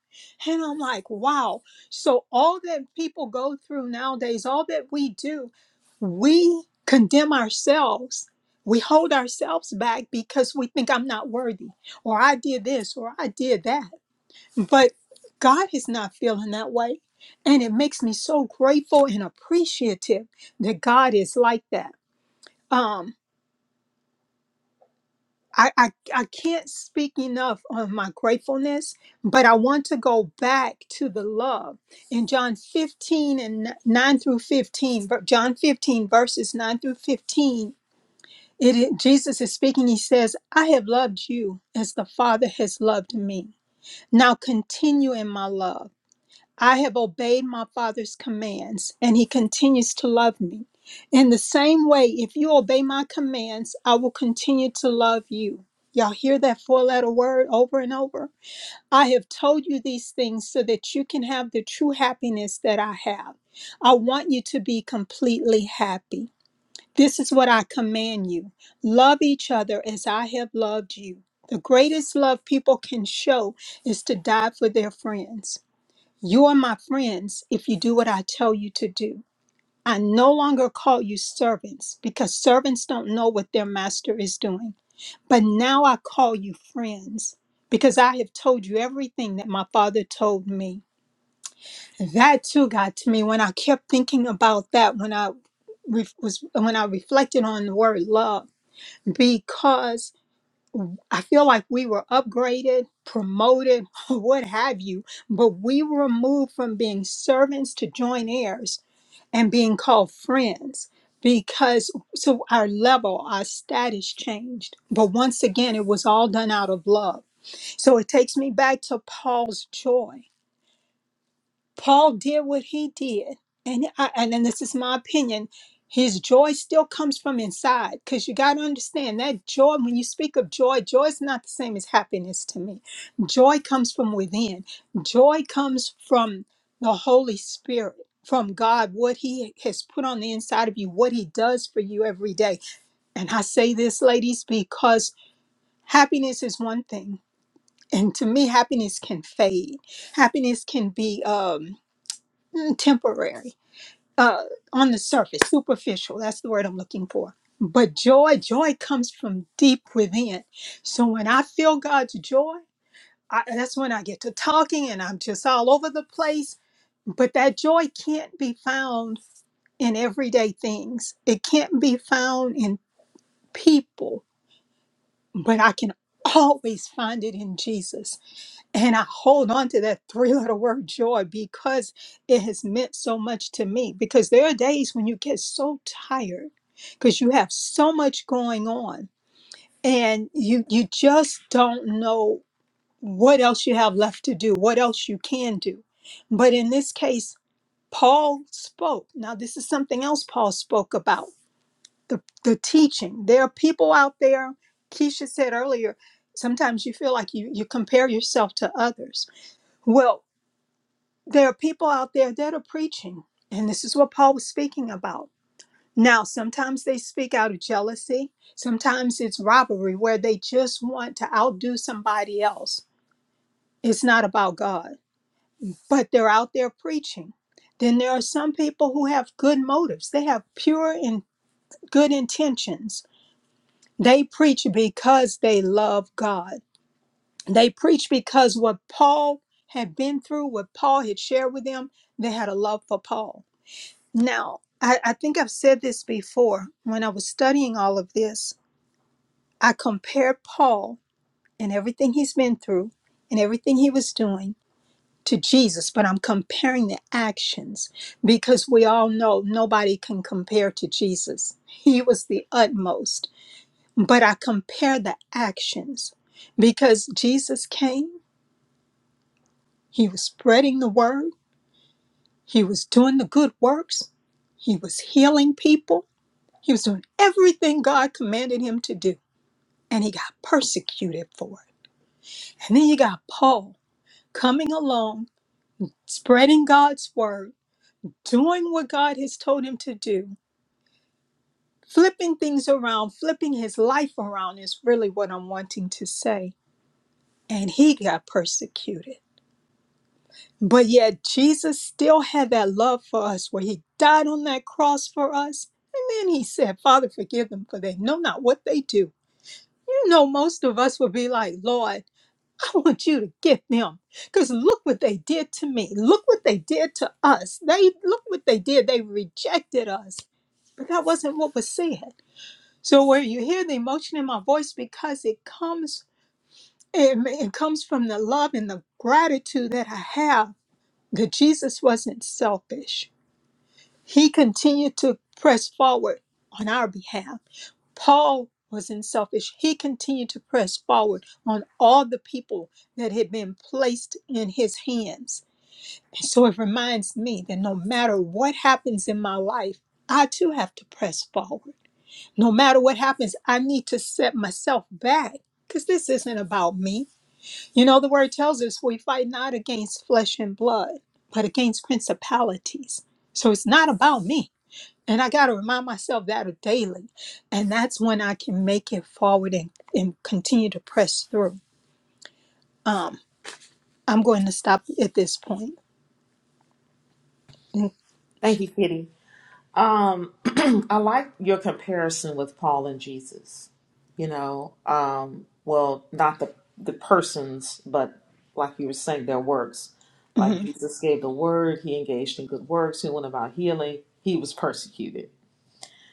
[SPEAKER 4] And I'm like, wow. So, all that people go through nowadays, all that we do, we condemn ourselves. We hold ourselves back because we think I'm not worthy, or I did this, or I did that. But God is not feeling that way. And it makes me so grateful and appreciative that God is like that. Um, I, I I can't speak enough on my gratefulness, but I want to go back to the love in John 15 and n- 9 through 15. ver- John 15 verses 9 through 15. it it- Jesus is speaking. He says, "I have loved you as the Father has loved me. Now continue in my love." I have obeyed my Father's commands, and He continues to love me. In the same way, if you obey my commands, I will continue to love you. Y'all hear that four letter word over and over? I have told you these things so that you can have the true happiness that I have. I want you to be completely happy. This is what I command you love each other as I have loved you. The greatest love people can show is to die for their friends. You are my friends if you do what I tell you to do. I no longer call you servants because servants don't know what their master is doing. But now I call you friends because I have told you everything that my father told me. That too got to me when I kept thinking about that when I re- was when I reflected on the word love because I feel like we were upgraded, promoted, what have you, but we were moved from being servants to joint heirs and being called friends because so our level, our status changed. But once again, it was all done out of love. So it takes me back to Paul's joy. Paul did what he did, and I, and, and this is my opinion. His joy still comes from inside, because you got to understand that joy. When you speak of joy, joy is not the same as happiness to me. Joy comes from within. Joy comes from the Holy Spirit, from God, what He has put on the inside of you, what He does for you every day. And I say this, ladies, because happiness is one thing, and to me, happiness can fade. Happiness can be. Um, mm, temporary, uh, on the surface, superficial. That's the word I'm looking for. But joy, joy comes from deep within. So when I feel God's joy, I, that's when I get to talking and I'm just all over the place. But that joy can't be found in everyday things, it can't be found in people, but I can always find it in Jesus. And I hold on to that three letter word joy because it has meant so much to me. Because there are days when you get so tired because you have so much going on and you you just don't know what else you have left to do, what else you can do. But in this case, Paul spoke. Now, this is something else Paul spoke about the, the teaching. There are people out there, Keisha said earlier, sometimes you feel like you, you compare yourself to others. Well, there are people out there that are preaching, and this is what Paul was speaking about. Now, sometimes they speak out of jealousy, sometimes it's robbery where they just want to outdo somebody else. It's not about God, but they're out there preaching. Then there are some people who have good motives, they have pure and good intentions. They preach because they love God. They preach because what Paul had been through, what Paul had shared with them, they had a love for Paul Now, I, I think I've said this before. When I was studying all of this, I compared Paul and everything he's been through and everything he was doing to Jesus, but I'm comparing the actions because we all know nobody can compare to Jesus. He was the utmost. But I compare the actions because Jesus came, he was spreading the word, he was doing the good works, he was healing people. He was doing everything God commanded him to do, and he got persecuted for it. And then you got Paul coming along, spreading God's word, doing what God has told him to do, flipping things around, flipping his life around is really what I'm wanting to say. And he got persecuted. But yet, Jesus still had that love for us where he died on that cross for us. And then he said, Father, forgive them, for they know not what they do. You know, most of us would be like, Lord, I want you to get them. Because look what they did to me. Look what they did to us. They look what they did. They rejected us. But that wasn't what was said. So where you hear the emotion in my voice because it comes it, it comes from the love and the gratitude that I have that Jesus wasn't selfish. He continued to press forward on our behalf Paul was unselfish. He continued to press forward on all the people that had been placed in his hands. And so it reminds me that no matter what happens in my life, I too have to press forward. No matter what happens, I need to set myself back because this isn't about me. You know, the word tells us we fight not against flesh and blood, but against principalities. So it's not about me and I got to remind myself that daily. And that's when I can make it forward and, and continue to press through. Um, I'm going to stop at this point.
[SPEAKER 1] Thank you, Kitty. Um, I like your comparison with Paul and Jesus. You know, um, well, not the the persons, but like you were saying, their works. Like
[SPEAKER 4] Mhm.
[SPEAKER 1] Jesus gave the word, he engaged in good works, he went about healing, he was persecuted.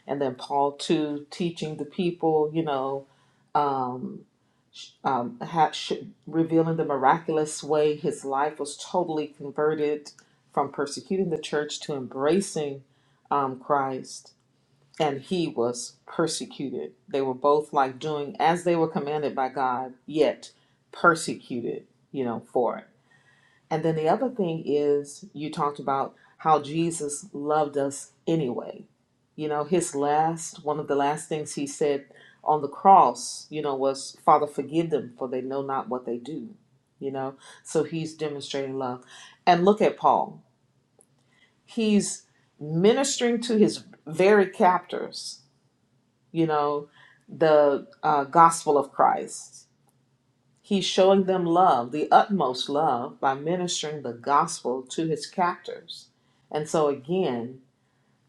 [SPEAKER 1] And then Paul too, teaching the people, you know. um, um, ha- sh- revealing the miraculous way his life was totally converted from persecuting the church to embracing um, Christ. And he was persecuted. They were both like doing as they were commanded by God, yet persecuted, you know, for it. And then the other thing is, you talked about how Jesus loved us anyway. You know, his last, one of the last things he said on the cross, you know, was, Father, forgive them, for they know not what they do. You know, so he's demonstrating love. And look at Paul. He's ministering to his very captors, you know, the uh, gospel of Christ He's showing them love, the utmost love, by ministering the gospel to his captors. And so again,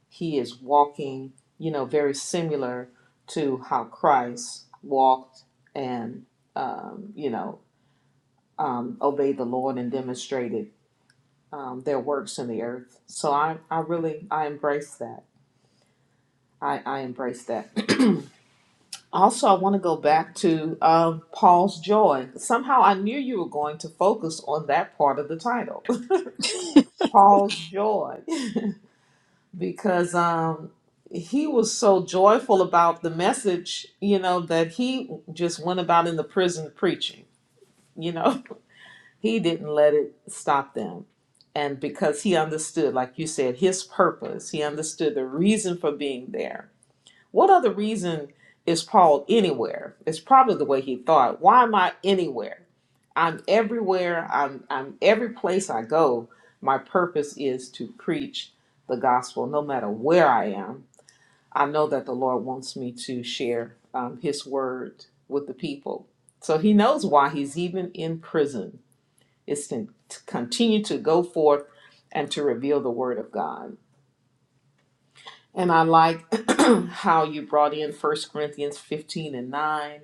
[SPEAKER 1] he is walking, you know, very similar to how Christ walked and, um, you know, um, obeyed the Lord and demonstrated um, their works in the earth. So I, I really, I embrace that. I, I embrace that. Also, I want to go back to um Paul's joy. Somehow I knew you were going to focus on that part of the title Paul's joy because um he was so joyful about the message, you know, that he just went about in the prison preaching, you know. He didn't let it stop them. And because he understood, like you said, his purpose, he understood the reason for being there what other reason is Paul anywhere? It's probably the way he thought. Why am I anywhere? I'm everywhere. I'm I'm every place I go. My purpose is to preach the gospel, no matter where I am. I know that the Lord wants me to share um, His word with the people. So He knows why He's even in prison. It's to, to continue to go forth and to reveal the word of God. And I like how you brought in First Corinthians 15 and 9.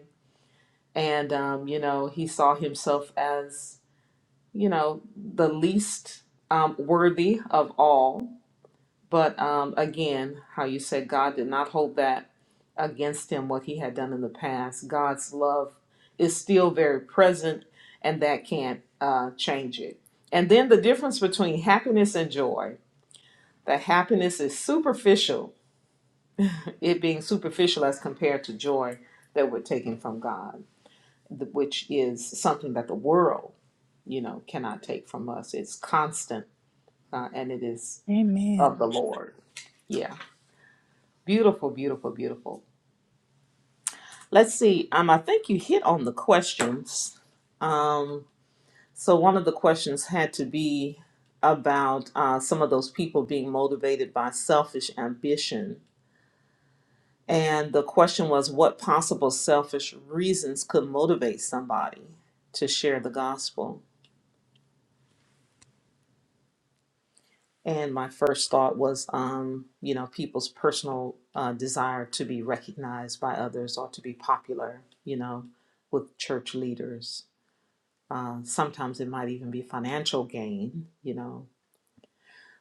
[SPEAKER 1] And, um, you know, he saw himself as, you know, the least um, worthy of all. But um, again, how you said God did not hold that against him, what he had done in the past. God's love is still very present, and that can't uh, change it. And then the difference between happiness and joy that happiness is superficial it being superficial as compared to joy that we're taking from God, th- which is something that the world, you know, cannot take from us. It's constant uh, and it is
[SPEAKER 4] Amen.
[SPEAKER 1] of the Lord. Yeah. Beautiful, beautiful, beautiful. Let's see. Um, I think you hit on the questions. Um, so one of the questions had to be about uh, some of those people being motivated by selfish ambition And the question was, what possible selfish reasons could motivate somebody to share the gospel? And my first thought was, um, you know, people's personal uh, desire to be recognized by others or to be popular, you know, with church leaders. Uh, sometimes it might even be financial gain, you know,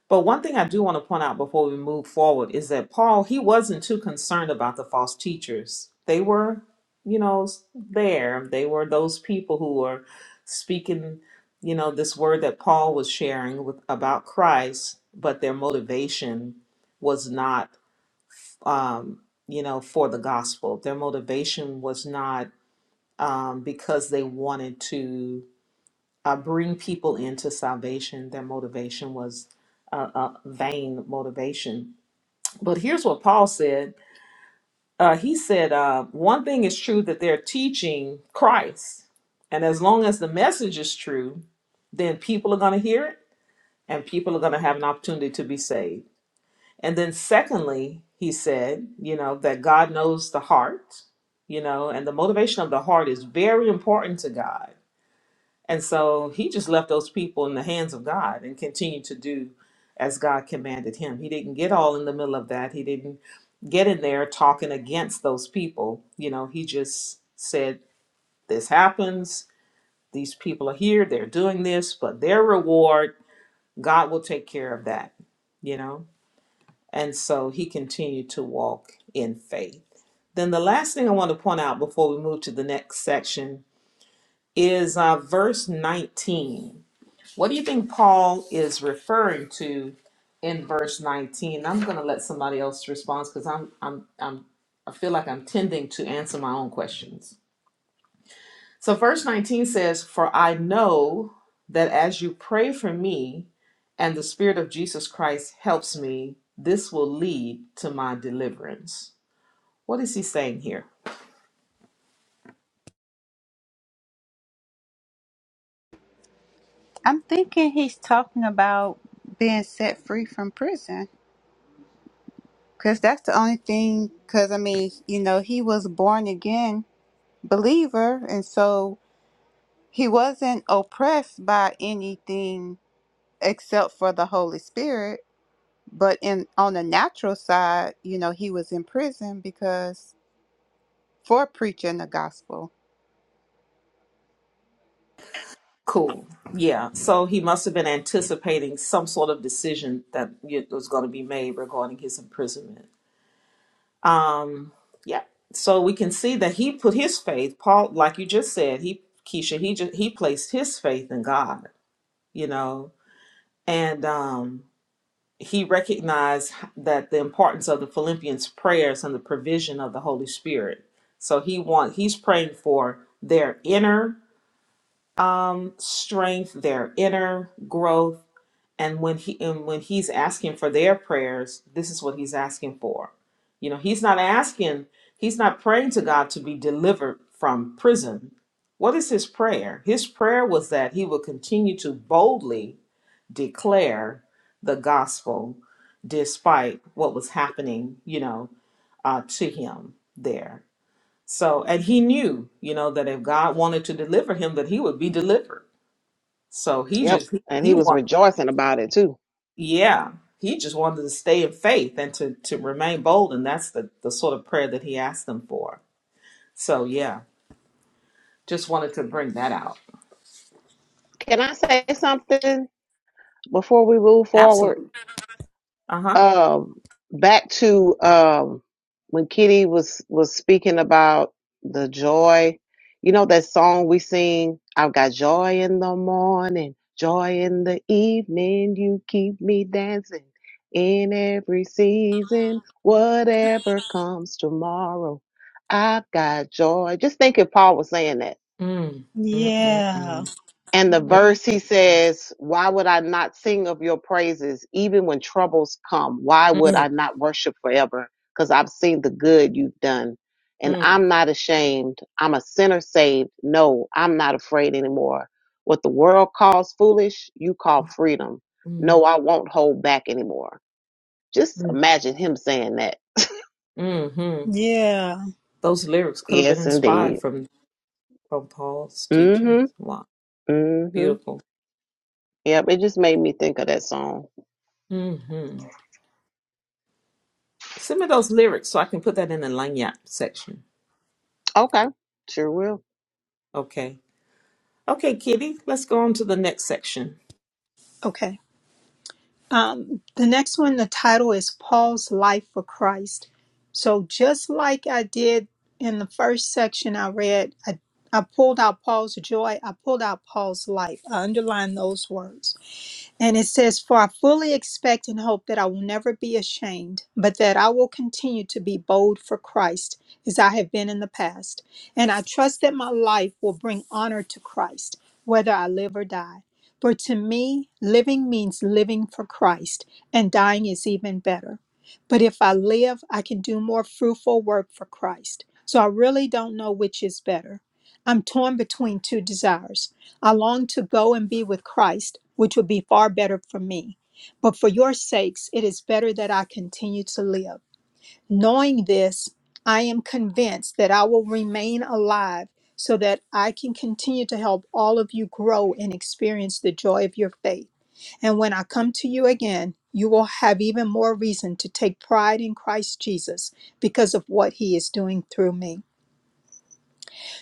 [SPEAKER 1] But one thing I do want to point out before we move forward is that Paul, he wasn't too concerned about the false teachers. They were, you know, s- there. They were those people who were speaking, you know, this word that Paul was sharing with about Christ, but their motivation was not, um, you know, for the gospel. Their motivation was not um, because they wanted to uh, bring people into salvation. Their motivation was uh, a vain motivation. But here's what Paul said uh, He said, uh, One thing is true that they're teaching Christ. And as long as the message is true, then people are going to hear it and people are going to have an opportunity to be saved. And then, secondly, he said, you know, that God knows the heart, you know, and the motivation of the heart is very important to God and so he just left those people in the hands of God and continued to do as God commanded him. He didn't get all in the middle of that. He didn't get in there talking against those people. You know, he just said, This happens. These people are here. They're doing this, but their reward, God will take care of that, you know? And so he continued to walk in faith. Then the last thing I want to point out before we move to the next section is uh, verse 19 What do you think Paul is referring to in verse 19? I'm going to let somebody else respond because I'm, I'm, I'm, I feel like I'm tending to answer my own questions. So, verse 19 says, For I know that as you pray for me and the Spirit of Jesus Christ helps me, this will lead to my deliverance. What is he saying here?
[SPEAKER 3] I'm thinking he's talking about being set free from prison because that's the only thing. Because, I mean, you know, he was born again believer, and so he wasn't oppressed by anything except for the Holy Spirit. But in on the natural side, you know, he was in prison because for preaching the gospel.
[SPEAKER 1] Cool. Yeah. So he must have been anticipating some sort of decision that y- was going to be made regarding his imprisonment. Um, yeah. So we can see that he put his faith, Paul, like you just said, he Keisha, he just he placed his faith in God, you know, and um he recognized that the importance of the Philippians prayers and the provision of the Holy Spirit. So he want he's praying for their inner um strength, their inner growth, and when he and when he's asking for their prayers this is what he's asking for you know he's not asking he's not praying to god to be delivered from prison what is his prayer his prayer was that he would continue to boldly declare the gospel despite what was happening you know uh, to him there so and he knew you know that if god wanted to deliver him that he would be delivered so he
[SPEAKER 5] Yep,
[SPEAKER 1] just he,
[SPEAKER 5] and
[SPEAKER 1] he
[SPEAKER 5] he was
[SPEAKER 1] wanted
[SPEAKER 5] rejoicing about it too.
[SPEAKER 1] yeah, he just wanted to stay in faith and to to remain bold, and that's the the sort of prayer that he asked them for. So yeah, just wanted to bring that out.
[SPEAKER 5] Can I say something before we move forward?
[SPEAKER 1] Absolutely. Uh huh.
[SPEAKER 5] um back to um when Kitty was was speaking about the joy, you know that song we sing, I've got joy in the morning, joy in the evening, you keep me dancing in every season, whatever comes tomorrow. I've got joy. Just think if Paul was saying that
[SPEAKER 1] Mm. Mm.
[SPEAKER 4] Yeah.
[SPEAKER 1] Mm.
[SPEAKER 5] and the verse he says, Why would I not sing of your praises even when troubles come? Why
[SPEAKER 1] Mm.
[SPEAKER 5] would
[SPEAKER 1] Mm.
[SPEAKER 5] I not worship forever? Because I've seen the good you've done. And
[SPEAKER 1] Mm.
[SPEAKER 5] I'm not ashamed. I'm a sinner saved. No, I'm not afraid anymore. What the world calls foolish, you call freedom.
[SPEAKER 1] Mm.
[SPEAKER 5] No, I won't hold back anymore. Just
[SPEAKER 1] Mm.
[SPEAKER 5] imagine him saying that.
[SPEAKER 1] Mm-hmm.
[SPEAKER 4] Yeah.
[SPEAKER 1] Those lyrics could have been
[SPEAKER 5] Yes,
[SPEAKER 1] inspired
[SPEAKER 5] indeed.
[SPEAKER 1] from from Paul's
[SPEAKER 5] Mm
[SPEAKER 1] teachings. Wow,
[SPEAKER 5] hmm. Mm hmm.
[SPEAKER 1] beautiful.
[SPEAKER 5] Yep, it just made me think of that song.
[SPEAKER 1] Mm-hmm. Send me those lyrics so I can put that in the lanyard section.
[SPEAKER 5] Okay, sure will.
[SPEAKER 1] Okay. Okay, Kitty. Let's go on to the next section.
[SPEAKER 4] Okay. Um, the next one, the title is Paul's Life for Christ. So just like I did in the first section I read, I, I pulled out Paul's joy, I pulled out Paul's life. I underlined those words. And it says, For I fully expect and hope that I will never be ashamed, but that I will continue to be bold for Christ as I have been in the past. And I trust that my life will bring honor to Christ, whether I live or die. For to me, living means living for Christ, and dying is even better. But if I live, I can do more fruitful work for Christ. So I really don't know which is better. I'm torn between two desires. I long to go and be with Christ, which would be far better for me. But for your sakes, it is better that I continue to live. Knowing this, I am convinced that I will remain alive so that I can continue to help all of you grow and experience the joy of your faith. And when I come to you again, you will have even more reason to take pride in Christ Jesus because of what he is doing through me.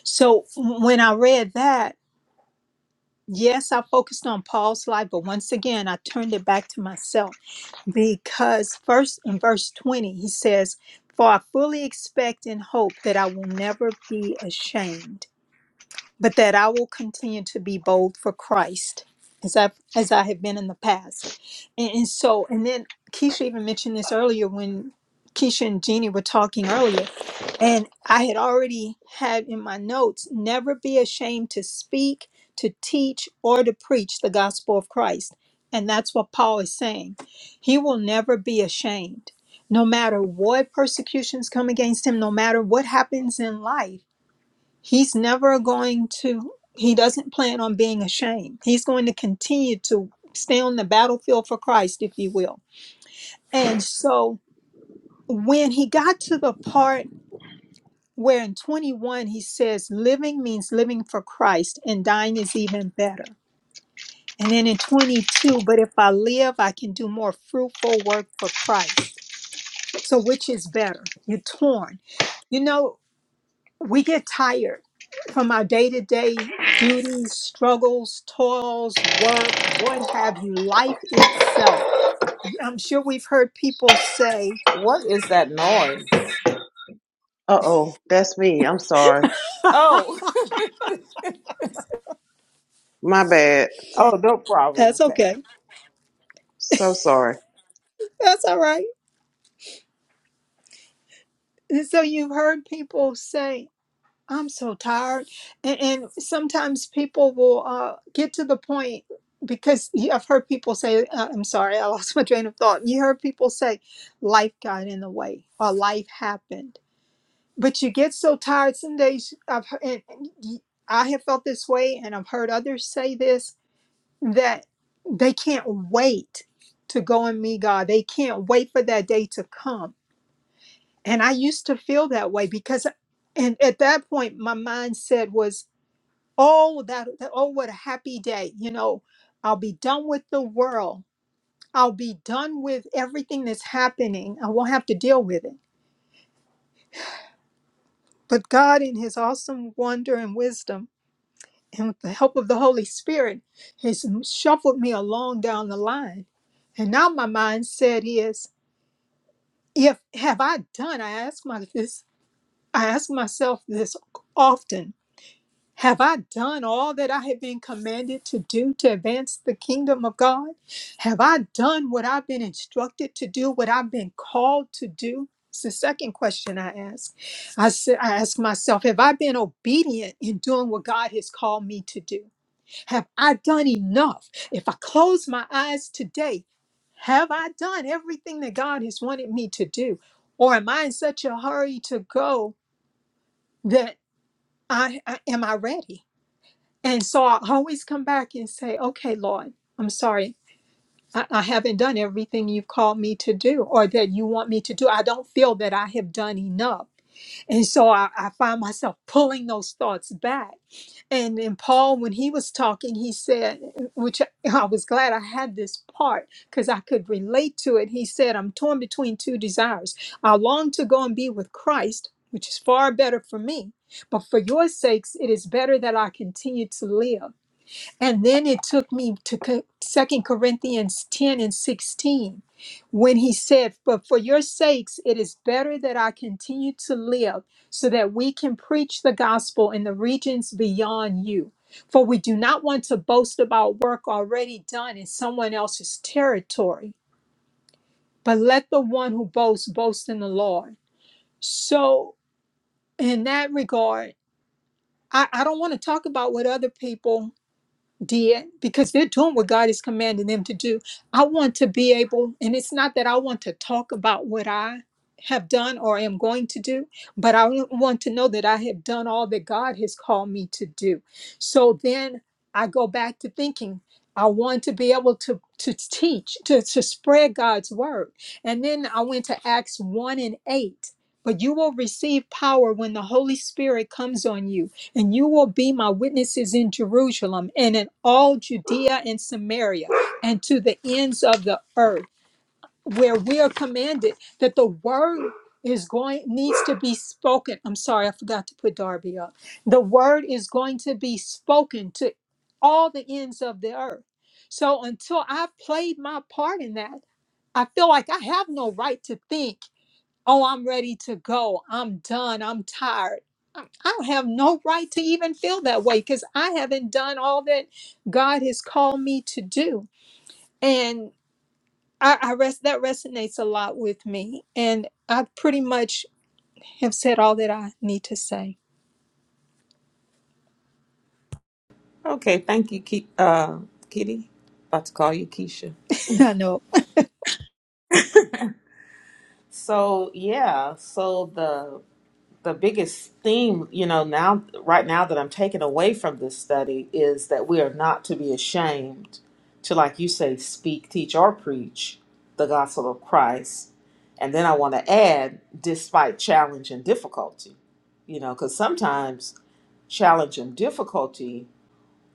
[SPEAKER 4] So when I read that, Yes, I focused on Paul's life, but once again, I turned it back to myself because first in verse 20, he says, For I fully expect and hope that I will never be ashamed but that I will continue to be bold for Christ as I as I have been in the past. And, and so, and then Keisha even mentioned this earlier when Keisha and Jeannie were talking earlier, and I had already had in my notes, never be ashamed to speak, to teach, or to preach the gospel of Christ. And that's what Paul is saying. He will never be ashamed. No matter what persecutions come against him, no matter what happens in life, He's never going to, he doesn't plan on being ashamed. He's going to continue to stay on the battlefield for Christ, if you will. And so when he got to the part where in 21 he says, living means living for Christ and dying is even better. And then in 22, but if I live, I can do more fruitful work for Christ. So which is better? You're torn. You know, we get tired from our day to day duties, struggles, toils, work, what have you, life itself. I'm sure we've heard people say,
[SPEAKER 1] What is that noise?
[SPEAKER 5] Uh oh, that's me. I'm sorry.
[SPEAKER 1] Oh,
[SPEAKER 5] My bad.
[SPEAKER 1] oh, no problem.
[SPEAKER 4] That's
[SPEAKER 1] Okay,
[SPEAKER 4] okay,
[SPEAKER 5] So sorry.
[SPEAKER 4] that's all right. And so you've heard people say, I'm so tired. And, and sometimes people will uh, get to the point because you- I've heard people say, uh, I'm sorry, I lost my train of thought. You heard people say, Life got in the way or life happened but you get so tired some days i've heard, and and y- i have felt this way and i've heard others say this that they can't wait to go and meet god they can't wait for that day to come and i used to feel that way because and at that point my mindset was oh that that- oh what a happy day you know i'll be done with the world i'll be done with everything that's happening i won't have to deal with it but god in his awesome wonder and wisdom and with the help of the Holy Spirit, has shuffled me along down the line. And now my mindset is, if have I done? I ask my this. I ask myself this often. Have I done all that I have been commanded to do to advance the kingdom of God? Have I done what I've been instructed to do? What I've been called to do? It's the second question I ask. I said I ask myself, have I been obedient in doing what God has called me to do? Have I done enough? If I close my eyes today, have I done everything that God has wanted me to do? Or am I in such a hurry to go that I, I am I ready? And so I always come back and say, okay, Lord, I'm sorry. I, I haven't done everything you've called me to do or that you want me to do. I don't feel that I have done enough. And so I, I find myself pulling those thoughts back and and Paul, when he was talking, he said, which I was glad I had this part because I could relate to it. He said, I'm torn between two desires. I long to go and be with Christ, which is far better for me. But for your sakes, it is better that I continue to live. And then it took me to Co- 2 Corinthians 10 and 16 when he said, But for your sakes, it is better that I continue to live so that we can preach the gospel in the regions beyond you. For we do not want to boast about work already done in someone else's territory, but let the one who boasts boast in the Lord. So, in that regard, I, I don't want to talk about what other people did because they're doing what God is commanding them to do. I want to be able, and it's not that I want to talk about what I have done or am going to do, but I w- want to know that I have done all that God has called me to do. So then I go back to thinking. I want to be able to, to teach, to, to spread God's word. And then I went to Acts 1 and 8. But you will receive power when the Holy Spirit comes on you and you will be my witnesses in Jerusalem and in all Judea and Samaria and to the ends of the earth, where we are commanded that the word is going needs to be spoken. I'm sorry, I forgot to put Darby up. The word is going to be spoken to all the ends of the earth. So until I've played my part in that, I feel like I have no right to think, oh, I'm ready to go. I'm done. I'm tired. I have no right to even feel that way because I haven't done all that God has called me to do. And I, I rest that resonates a lot with me. And I pretty much have said all that I need to say.
[SPEAKER 1] okay. Thank you, Ki- uh, Kitty. About to call you Keisha.
[SPEAKER 4] I know.
[SPEAKER 1] So yeah, so the the biggest theme, you know, now right now that I'm taking away from this study is that we are not to be ashamed to, like you say, speak, teach, or preach the gospel of Christ. And then I want to add, despite challenge and difficulty, you know, because sometimes challenge and difficulty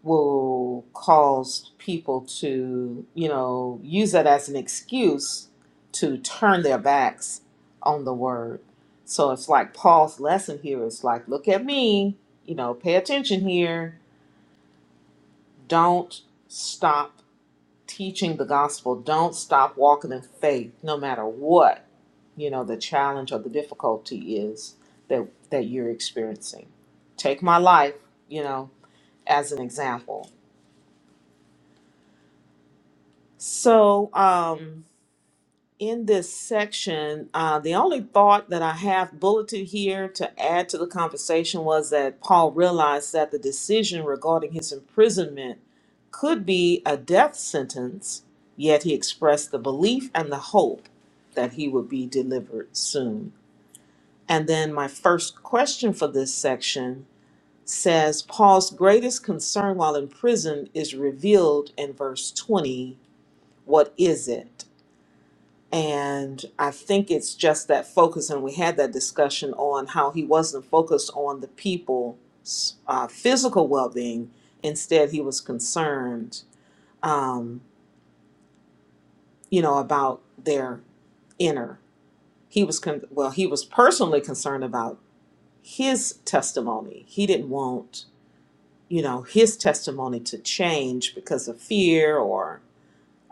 [SPEAKER 1] will cause people to, you know, use that as an excuse to turn their backs on the word. So it's like Paul's lesson here is like, look at me, you know, pay attention here. Don't stop teaching the gospel. Don't stop walking in faith, no matter what, you know, the challenge or the difficulty is that that you're experiencing. Take my life, you know, as an example So, um, in this section, uh, the only thought that I have bulleted here to add to the conversation was that Paul realized that the decision regarding his imprisonment could be a death sentence, yet he expressed the belief and the hope that he would be delivered soon. And then my first question for this section says Paul's greatest concern while in prison is revealed in verse 20. What is it? And I think it's just that focus, and we had that discussion on how he wasn't focused on the people's uh, physical well being. Instead, he was concerned, um, you know, about their inner. He was, con- well, he was personally concerned about his testimony. He didn't want, you know, his testimony to change because of fear or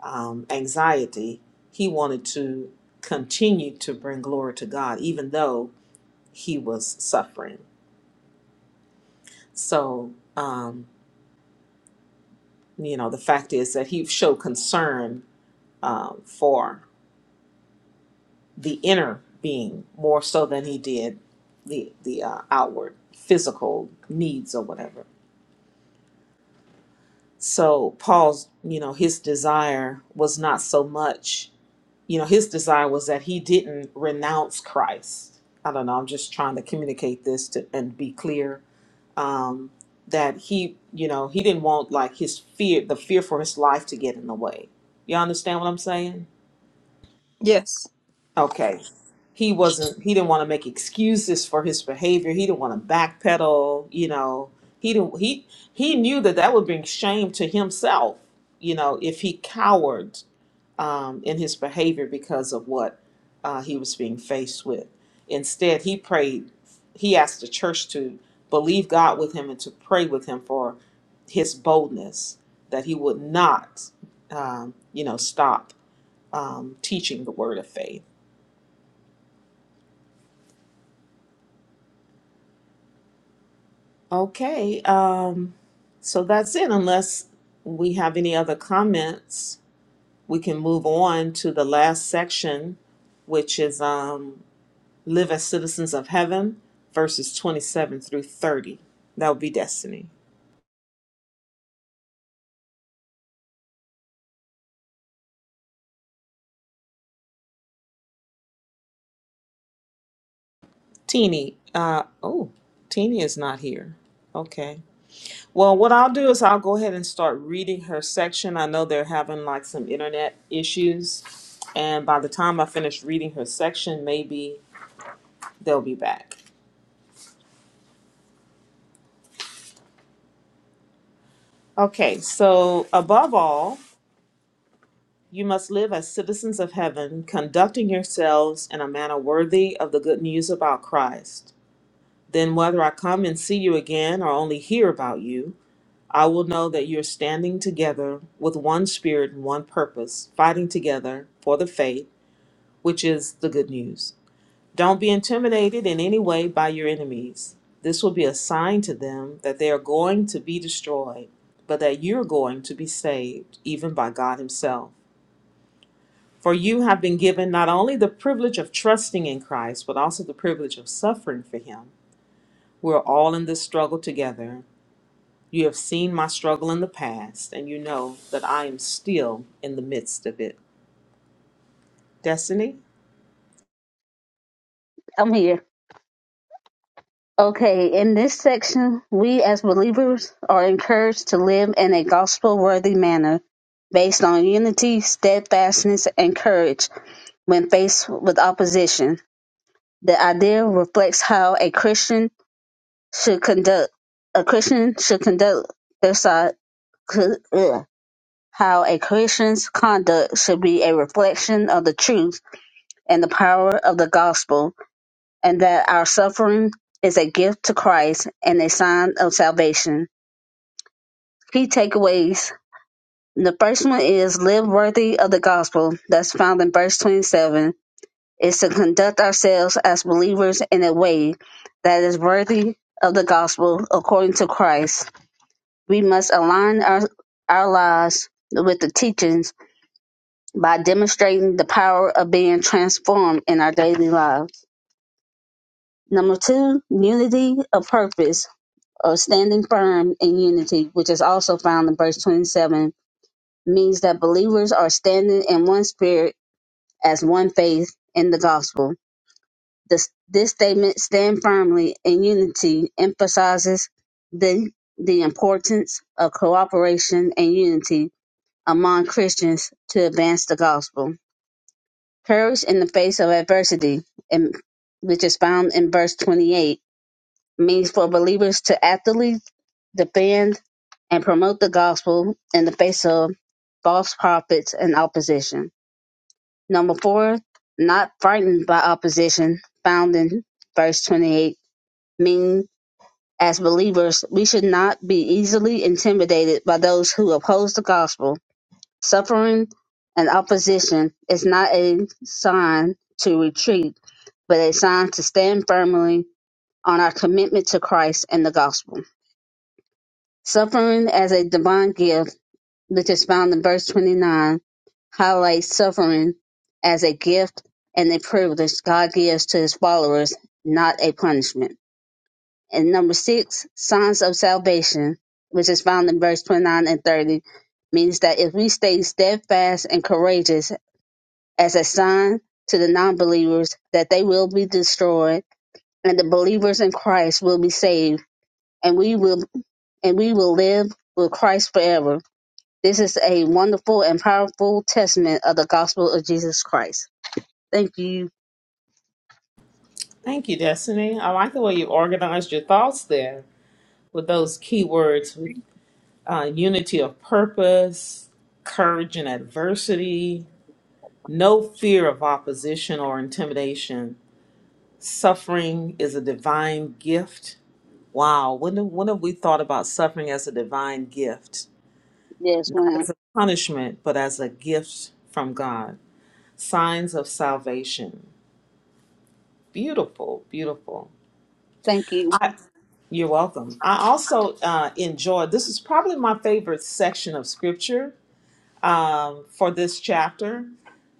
[SPEAKER 1] um, anxiety. He wanted to continue to bring glory to God, even though he was suffering. So, um, you know, the fact is that he showed concern um, for the inner being more so than he did the the uh, outward physical needs or whatever. So Paul's, you know, his desire was not so much, you know, his desire was that he didn't renounce Christ. I don't know. I'm just trying to communicate this to and be clear um, that he, you know, he didn't want like his fear, the fear for his life to get in the way. You understand what I'm saying?
[SPEAKER 4] Yes.
[SPEAKER 1] Okay. He wasn't, he didn't want to make excuses for his behavior. He didn't want to backpedal, you know, he didn't, he, he knew that that would bring shame to himself, you know, if he cowered um, in his behavior because of what uh, he was being faced with. Instead, he prayed, he asked the church to believe God with him and to pray with him for his boldness, that he would not, um, you know, stop um, teaching the word of faith. Okay, um, so that's it. Unless we have any other comments, we can move on to the last section, which is um, live as citizens of heaven, verses 27 through 30. That would be destiny. Teeny, uh, oh, Teeny is not here. Okay. Well, what I'll do is I'll go ahead and start reading her section. I know they're having like some internet issues. And by the time I finish reading her section, maybe they'll be back. Okay, so above all, you must live as citizens of heaven, conducting yourselves in a manner worthy of the good news about Christ Then, whether I come and see you again or only hear about you, I will know that you're standing together with one spirit and one purpose, fighting together for the faith, which is the good news. Don't be intimidated in any way by your enemies. This will be a sign to them that they are going to be destroyed, but that you're going to be saved, even by God Himself. For you have been given not only the privilege of trusting in Christ, but also the privilege of suffering for Him. We're all in this struggle together You have seen my struggle in the past, and you know that I am still in the midst of it. Destiny?
[SPEAKER 5] I'm here. Okay, in this section, we as believers are encouraged to live in a gospel worthy manner based on unity, steadfastness, and courage when faced with opposition. The idea reflects how a Christian should conduct a Christian should conduct their side ugh, how a Christian's conduct should be a reflection of the truth and the power of the gospel and that our suffering is a gift to Christ and a sign of salvation. Key takeaways. The first one is live worthy of the gospel that's found in verse 27 is to conduct ourselves as believers in a way that is worthy of the gospel according to Christ. We must align our, our lives with the teachings by demonstrating the power of being transformed in our daily lives. Number two, unity of purpose or standing firm in unity, which is also found in verse 27, means that believers are standing in one spirit as one faith in the gospel. This, this statement, stand firmly in unity, emphasizes the, the importance of cooperation and unity among Christians to advance the gospel. Courage in the face of adversity, in- which is found in verse 28, means for believers to actively defend and promote the gospel in the face of false prophets and opposition. Number four, not frightened by opposition, found in verse 28, meaning as believers, we should not be easily intimidated by those who oppose the gospel. Suffering and opposition is not a sign to retreat, but a sign to stand firmly on our commitment to Christ and the gospel. Suffering as a divine gift which is found in verse 29, highlights suffering as a gift and a privilege God gives to his followers, not a punishment. And number six, signs of salvation, which is found in verse 29 and 30, means that if we stay steadfast and courageous as a sign to the non believers that they will be destroyed and the believers in Christ will be saved and we will and we will live with Christ forever this is a wonderful and powerful testament of the gospel of Jesus Christ. Thank you.
[SPEAKER 1] Thank you, Destiny. I like the way you organized your thoughts there with those key words with uh, unity of purpose, courage in adversity, no fear of opposition or intimidation. Suffering is a divine gift. Wow, when, when have we thought about suffering as a divine gift?
[SPEAKER 5] Yes,
[SPEAKER 1] Not
[SPEAKER 5] ma'am.
[SPEAKER 1] as a punishment, but as a gift from God. Signs of Salvation. Beautiful, beautiful.
[SPEAKER 5] Thank you.
[SPEAKER 1] I, you're welcome. I also uh, enjoyed, this is probably my favorite section of scripture um, for this chapter.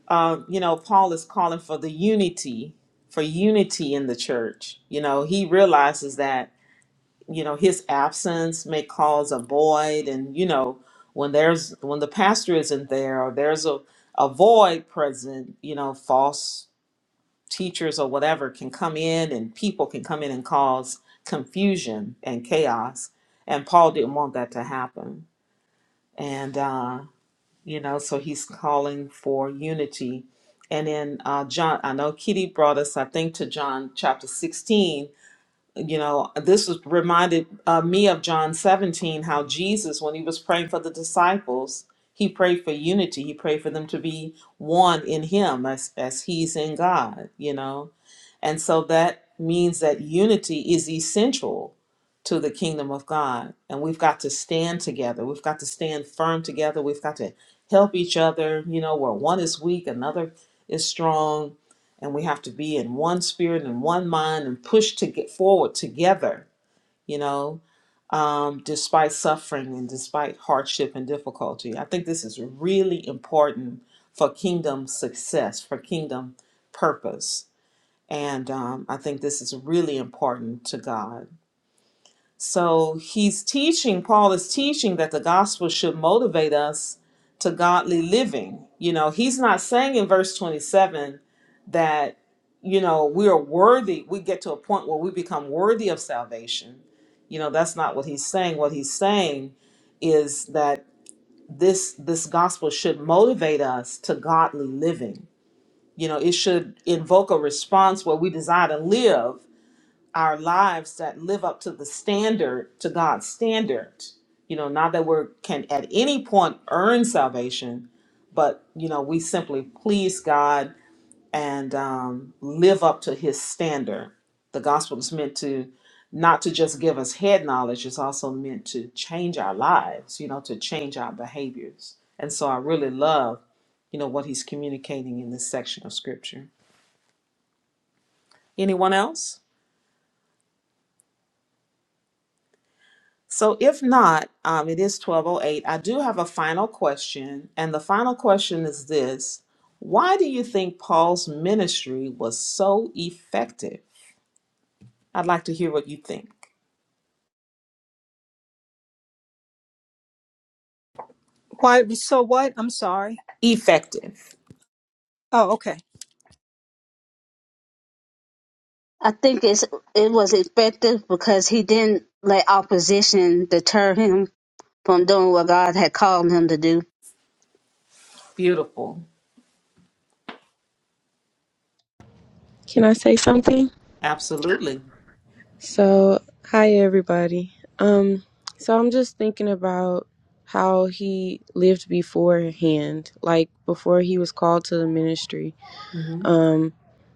[SPEAKER 1] Uh, you know, Paul is calling for the unity, for unity in the church. You know, he realizes that, you know, his absence may cause a void. And, you know, when there's, when the pastor isn't there or there's a, a void present, you know, false teachers or whatever can come in and people can come in and cause confusion and chaos. And Paul didn't want that to happen. And, uh, you know, so he's calling for unity. And then uh, John, I know Kitty brought us, I think, to John chapter 16. You know, this was reminded uh, me of John 17, how Jesus, when he was praying for the disciples, he prayed for unity. He prayed for them to be one in him as, as he's in God, you know and so that means that unity is essential to the kingdom of God. And we've got to stand together. We've got to stand firm together. We've got to help each other, you know, where one is weak, another is strong. And we have to be in one spirit and one mind and push to get forward together, you know, um, despite suffering and despite hardship and difficulty. I think this is really important for kingdom success, for kingdom purpose. And um, I think this is really important to God. So he's teaching, Paul is teaching that the gospel should motivate us to godly living. You know, he's not saying in verse 27 that, you know, we are worthy, we get to a point where we become worthy of salvation. You know, that's not what he's saying. What he's saying is that this this gospel should motivate us to godly living. You know, it should invoke a response where we desire to live our lives that live up to the standard to God's standard. You know, not that we can at any point earn salvation, but you know, we simply please God and um, live up to His standard. The gospel is meant to not to just give us head knowledge; it's also meant to change our lives. You know, to change our behaviors. And so, I really love, you know, what He's communicating in this section of Scripture. Anyone else? So if not, um, it is 1208. I do have a final question, and the final question is this. Why do you think Paul's ministry was so effective? I'd like to hear what you think.
[SPEAKER 4] Why so what? I'm sorry.
[SPEAKER 1] Effective.
[SPEAKER 4] Oh, okay.
[SPEAKER 5] I think it's it was effective because he didn't let opposition deter him from doing what God had called him to do.
[SPEAKER 1] Beautiful.
[SPEAKER 6] Can I say something?
[SPEAKER 1] Absolutely.
[SPEAKER 6] So, hi everybody. Um so I'm just thinking about how he lived beforehand, like before he was called to the ministry.
[SPEAKER 1] Mhm.
[SPEAKER 6] Um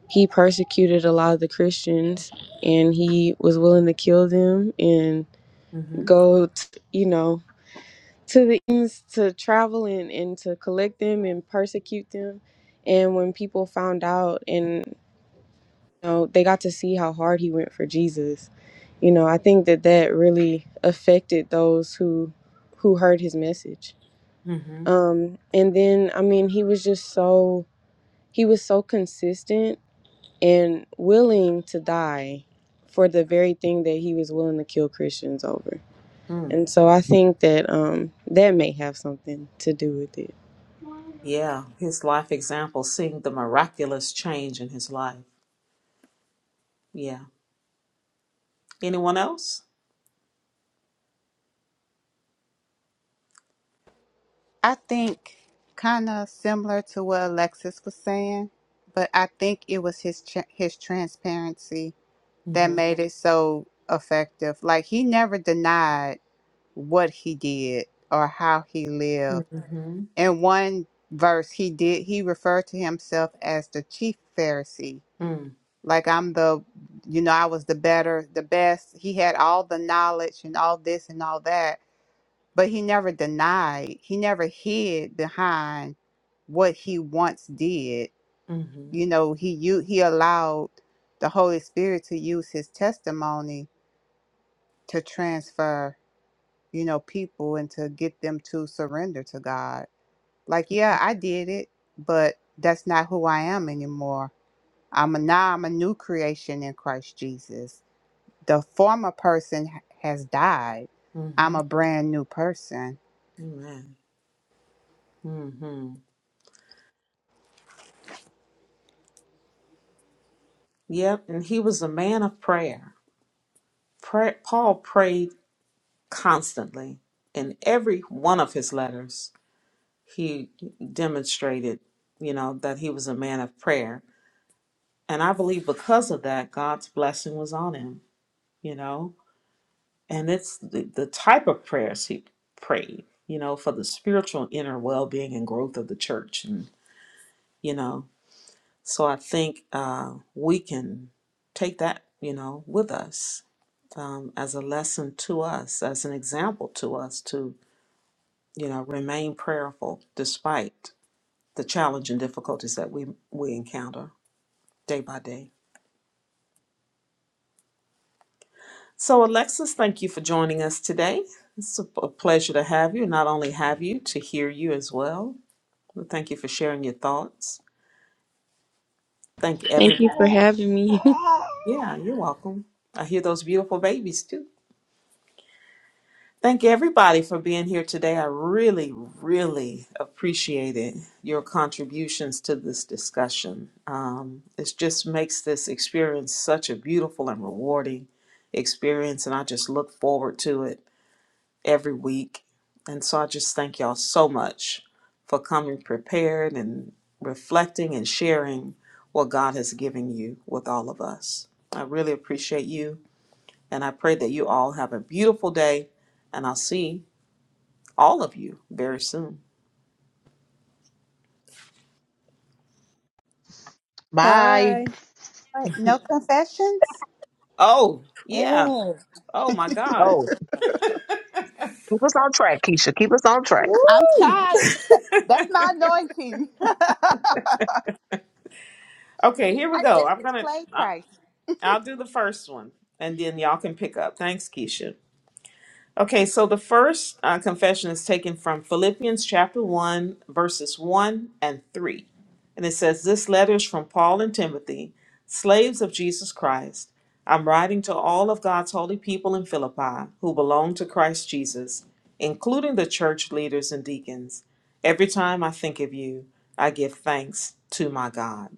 [SPEAKER 6] he persecuted a lot of the Christians and he was willing to kill them and
[SPEAKER 1] Mhm.
[SPEAKER 6] go, t- you know, to the ends to travel and, and to collect them and persecute them. And when people found out, and You know, they got to see how hard he went for Jesus. You know, I think that that really affected those who who heard his message.
[SPEAKER 1] Mhm.
[SPEAKER 6] Um, and then, I mean, he was just so he was so consistent and willing to die for the very thing that he was willing to kill Christians over.
[SPEAKER 1] Mm.
[SPEAKER 6] And so I think that um, that may have something to do with it.
[SPEAKER 1] Yeah, his life example, seeing the miraculous change in his life. Yeah. Anyone else?
[SPEAKER 3] I think kind of similar to what Alexis was saying, but I think it was his tra- his transparency that
[SPEAKER 1] Mhm.
[SPEAKER 3] made it so effective. Like he never denied what he did or how he lived
[SPEAKER 1] Mhm.
[SPEAKER 3] in one verse he did he referred to himself as the chief pharisee
[SPEAKER 1] Mm.
[SPEAKER 3] like i'm the you know i was the better the best he had all the knowledge and all this and all that but he never denied he never hid behind what he once did
[SPEAKER 1] Mhm.
[SPEAKER 3] you know he you he allowed the holy spirit to use his testimony to transfer you know people and to get them to surrender to god Like, yeah, I did it, but that's not who I am anymore. I'm a, now I'm a new creation in Christ Jesus. The former person h- has died.
[SPEAKER 1] Mhm.
[SPEAKER 3] I'm a brand new person.
[SPEAKER 1] Amen. Mm-hmm. Yep, and he was a man of prayer. Pray- Paul prayed constantly. In every one of his letters, he demonstrated, you know, that he was a man of prayer. And I believe because of that, God's blessing was on him, you know. And it's the, the type of prayers he prayed, you know, for the spiritual and inner well being and growth of the church. And, you know, So I think uh, we can take that, you know, with us um, as a lesson to us, as an example to us to, you know, remain prayerful despite the challenge and difficulties that we, we encounter day by day. So, Alexis, thank you for joining us today. It's a a pleasure to have you, not only have you, to hear you as well. Well, Thank you for sharing your thoughts. Thank
[SPEAKER 6] Thank
[SPEAKER 1] everybody.
[SPEAKER 6] you for having me.
[SPEAKER 1] Yeah, you're welcome. I hear those beautiful babies too. Thank everybody for being here today. I really, really appreciated your contributions to this discussion. Um, it just makes this experience such a beautiful and rewarding experience, and I just look forward to it every week. And so I just thank y'all so much for coming prepared and reflecting and sharing what God has given you with all of us. I really appreciate you, and I pray that you all have a beautiful day, and I'll see all of you very soon.
[SPEAKER 5] Bye.
[SPEAKER 4] Bye.
[SPEAKER 3] Right. No confessions?
[SPEAKER 1] Oh, yeah.
[SPEAKER 4] Oh,
[SPEAKER 1] Oh my God.
[SPEAKER 5] Oh, keep us on track, Keisha. Keep us on track.
[SPEAKER 3] I'm
[SPEAKER 1] Woo.
[SPEAKER 3] tired. That's my anointing.
[SPEAKER 1] Okay, here we
[SPEAKER 3] I
[SPEAKER 1] go.
[SPEAKER 3] just
[SPEAKER 1] I'm gonna.
[SPEAKER 3] displayed
[SPEAKER 1] I-
[SPEAKER 3] Christ.
[SPEAKER 1] I'll do the first one, and then y'all can pick up. Thanks, Keisha. Okay, so the first uh, confession is taken from Philippians chapter 1, verses 1 and 3. And it says, This letter is from Paul and Timothy, slaves of Jesus Christ. I'm writing to all of God's holy people in Philippi who belong to Christ Jesus, including the church leaders and deacons. Every time I think of you, I give thanks to my God.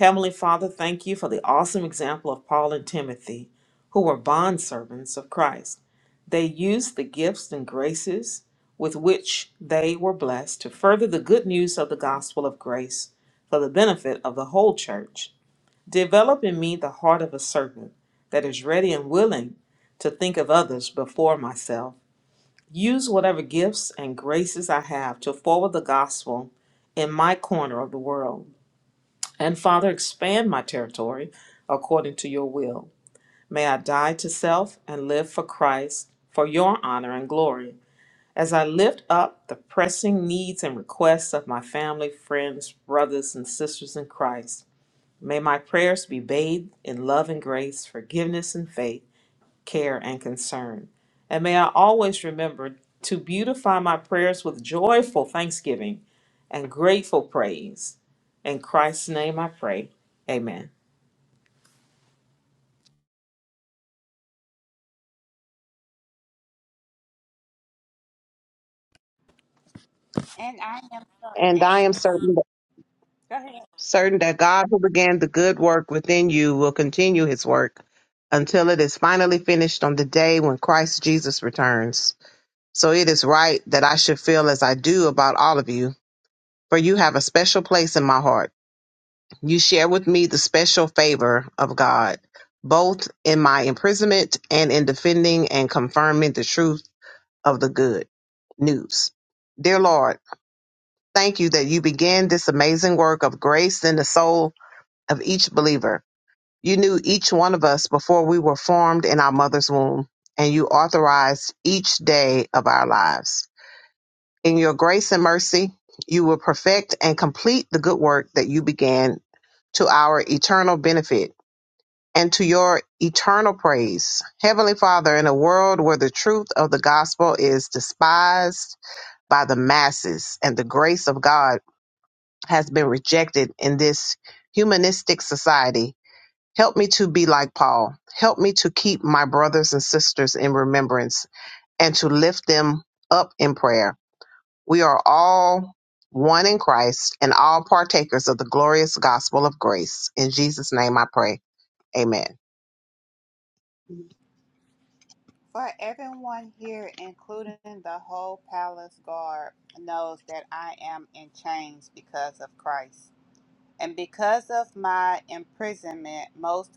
[SPEAKER 1] Heavenly Father, thank you for the awesome example of Paul and Timothy, who were bondservants of Christ. They used the gifts and graces with which they were blessed to further the good news of the gospel of grace for the benefit of the whole church. Develop in me the heart of a servant that is ready and willing to think of others before myself. Use whatever gifts and graces I have to forward the gospel in my corner of the world. And Father, expand my territory according to your will. May I die to self and live for Christ, for your honor and glory. As I lift up the pressing needs and requests of my family, friends, brothers, and sisters in Christ, may my prayers be bathed in love and grace, forgiveness and faith care, and concern. And may I always remember to beautify my prayers with joyful thanksgiving and grateful praise. In Christ's name I pray. Amen.
[SPEAKER 5] And I am certain certain that God who began the good work within you will continue his work until it is finally finished on the day when Christ Jesus returns. So it is right that I should feel as I do about all of you, for you have a special place in my heart. You share with me the special favor of God, both in my imprisonment and in defending and confirming the truth of the good news. Dear Lord, thank you that you began this amazing work of grace in the soul of each believer. You knew each one of us before we were formed in our mother's womb, and you authorized each day of our lives. In your grace and mercy, you will perfect and complete the good work that you began to our eternal benefit and to your eternal praise. Heavenly Father, in a world where the truth of the gospel is despised by the masses and the grace of God has been rejected in this humanistic society, help me to be like Paul. Help me to keep my brothers and sisters in remembrance and to lift them up in prayer. We are all one in Christ and all partakers of the glorious gospel of grace. In Jesus' name I pray. Amen.
[SPEAKER 3] For everyone here, including the whole palace guard, knows that I am in chains because of Christ. And because of my imprisonment, most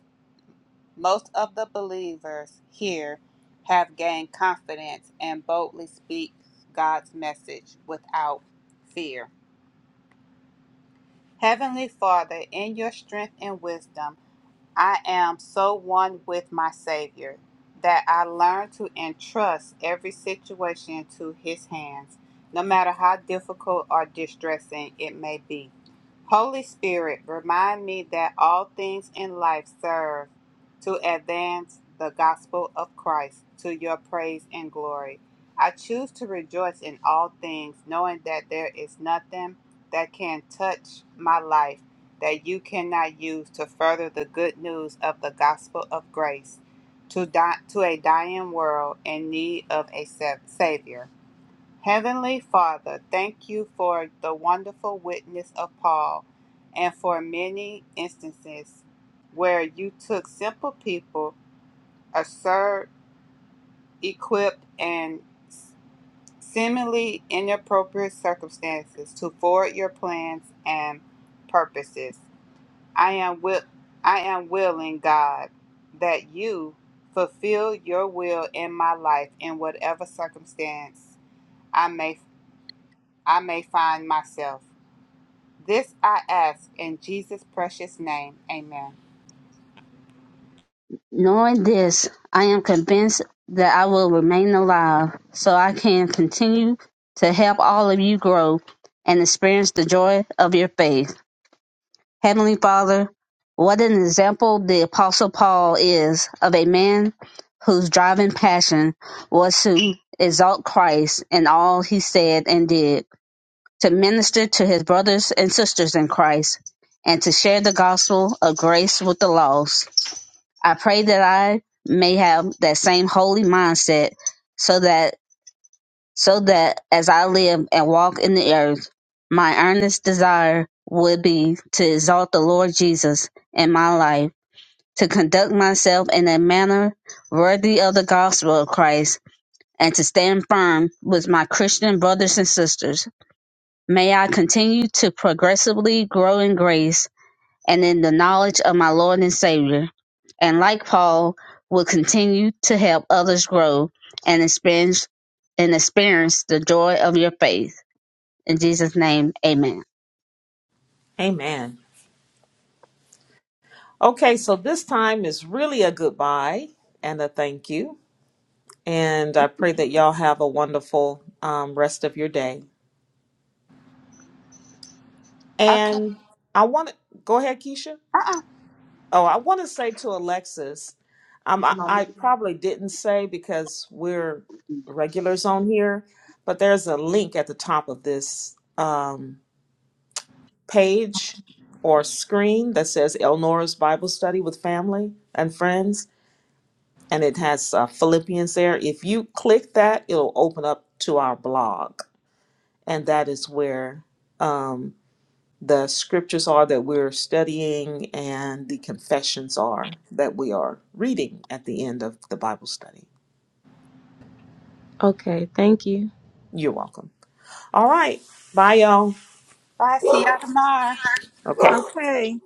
[SPEAKER 3] Most of the believers here have gained confidence and boldly speak God's message without fear. Heavenly Father, in your strength and wisdom, I am so one with my Savior that I learn to entrust every situation to His hands, no matter how difficult or distressing it may be. Holy Spirit, remind me that all things in life serve to advance the gospel of Christ to your praise and glory. I choose to rejoice in all things, knowing that there is nothing that can touch my life that you cannot use to further the good news of the gospel of grace to, di- to a dying world in need of a sa- Savior. Heavenly Father, thank you for the wonderful witness of Paul and for many instances where you took simple people, absurd, equipped, and seemingly inappropriate circumstances to forward your plans and purposes. I am will I am willing, God, that you fulfill your will in my life in whatever circumstance I may I may find myself. This I ask in Jesus' precious name. Amen.
[SPEAKER 5] Knowing this, I am convinced that I will remain alive so I can continue to help all of you grow and experience the joy of your faith. Heavenly Father, what an example the Apostle Paul is of a man whose driving passion was to exalt Christ in all he said and did. to minister to his brothers and sisters in Christ, and to share the gospel of grace with the lost. I pray that I may have that same holy mindset so that so that as I live and walk in the earth, my earnest desire would be to exalt the Lord Jesus in my life, to conduct myself in a manner worthy of the gospel of Christ, and to stand firm with my Christian brothers and sisters May I continue to progressively grow in grace and in the knowledge of my Lord and Savior, and like Paul, will continue to help others grow and experience and experience the joy of your faith. In Jesus' name, amen.
[SPEAKER 1] Amen. Okay, so this time is really a goodbye and a thank you. And I pray that y'all have a wonderful um, rest of your day.
[SPEAKER 3] Okay.
[SPEAKER 1] And I want to go ahead, Keisha.
[SPEAKER 3] Uh-uh.
[SPEAKER 1] Oh, I want to say to Alexis, um, I, I probably didn't say because we're regulars on here, but there's a link at the top of this um, page or screen that says Elnora's Bible Study with Family and Friends, and it has uh, Philippians there. If you click that, it'll open up to our blog, and that is where. um, the scriptures are that we're studying and the confessions are that we are reading at the end of the Bible study.
[SPEAKER 6] okay, thank you.
[SPEAKER 1] You're welcome. All right. Bye, y'all.
[SPEAKER 3] Bye. See y'all tomorrow.
[SPEAKER 1] Okay.
[SPEAKER 4] okay.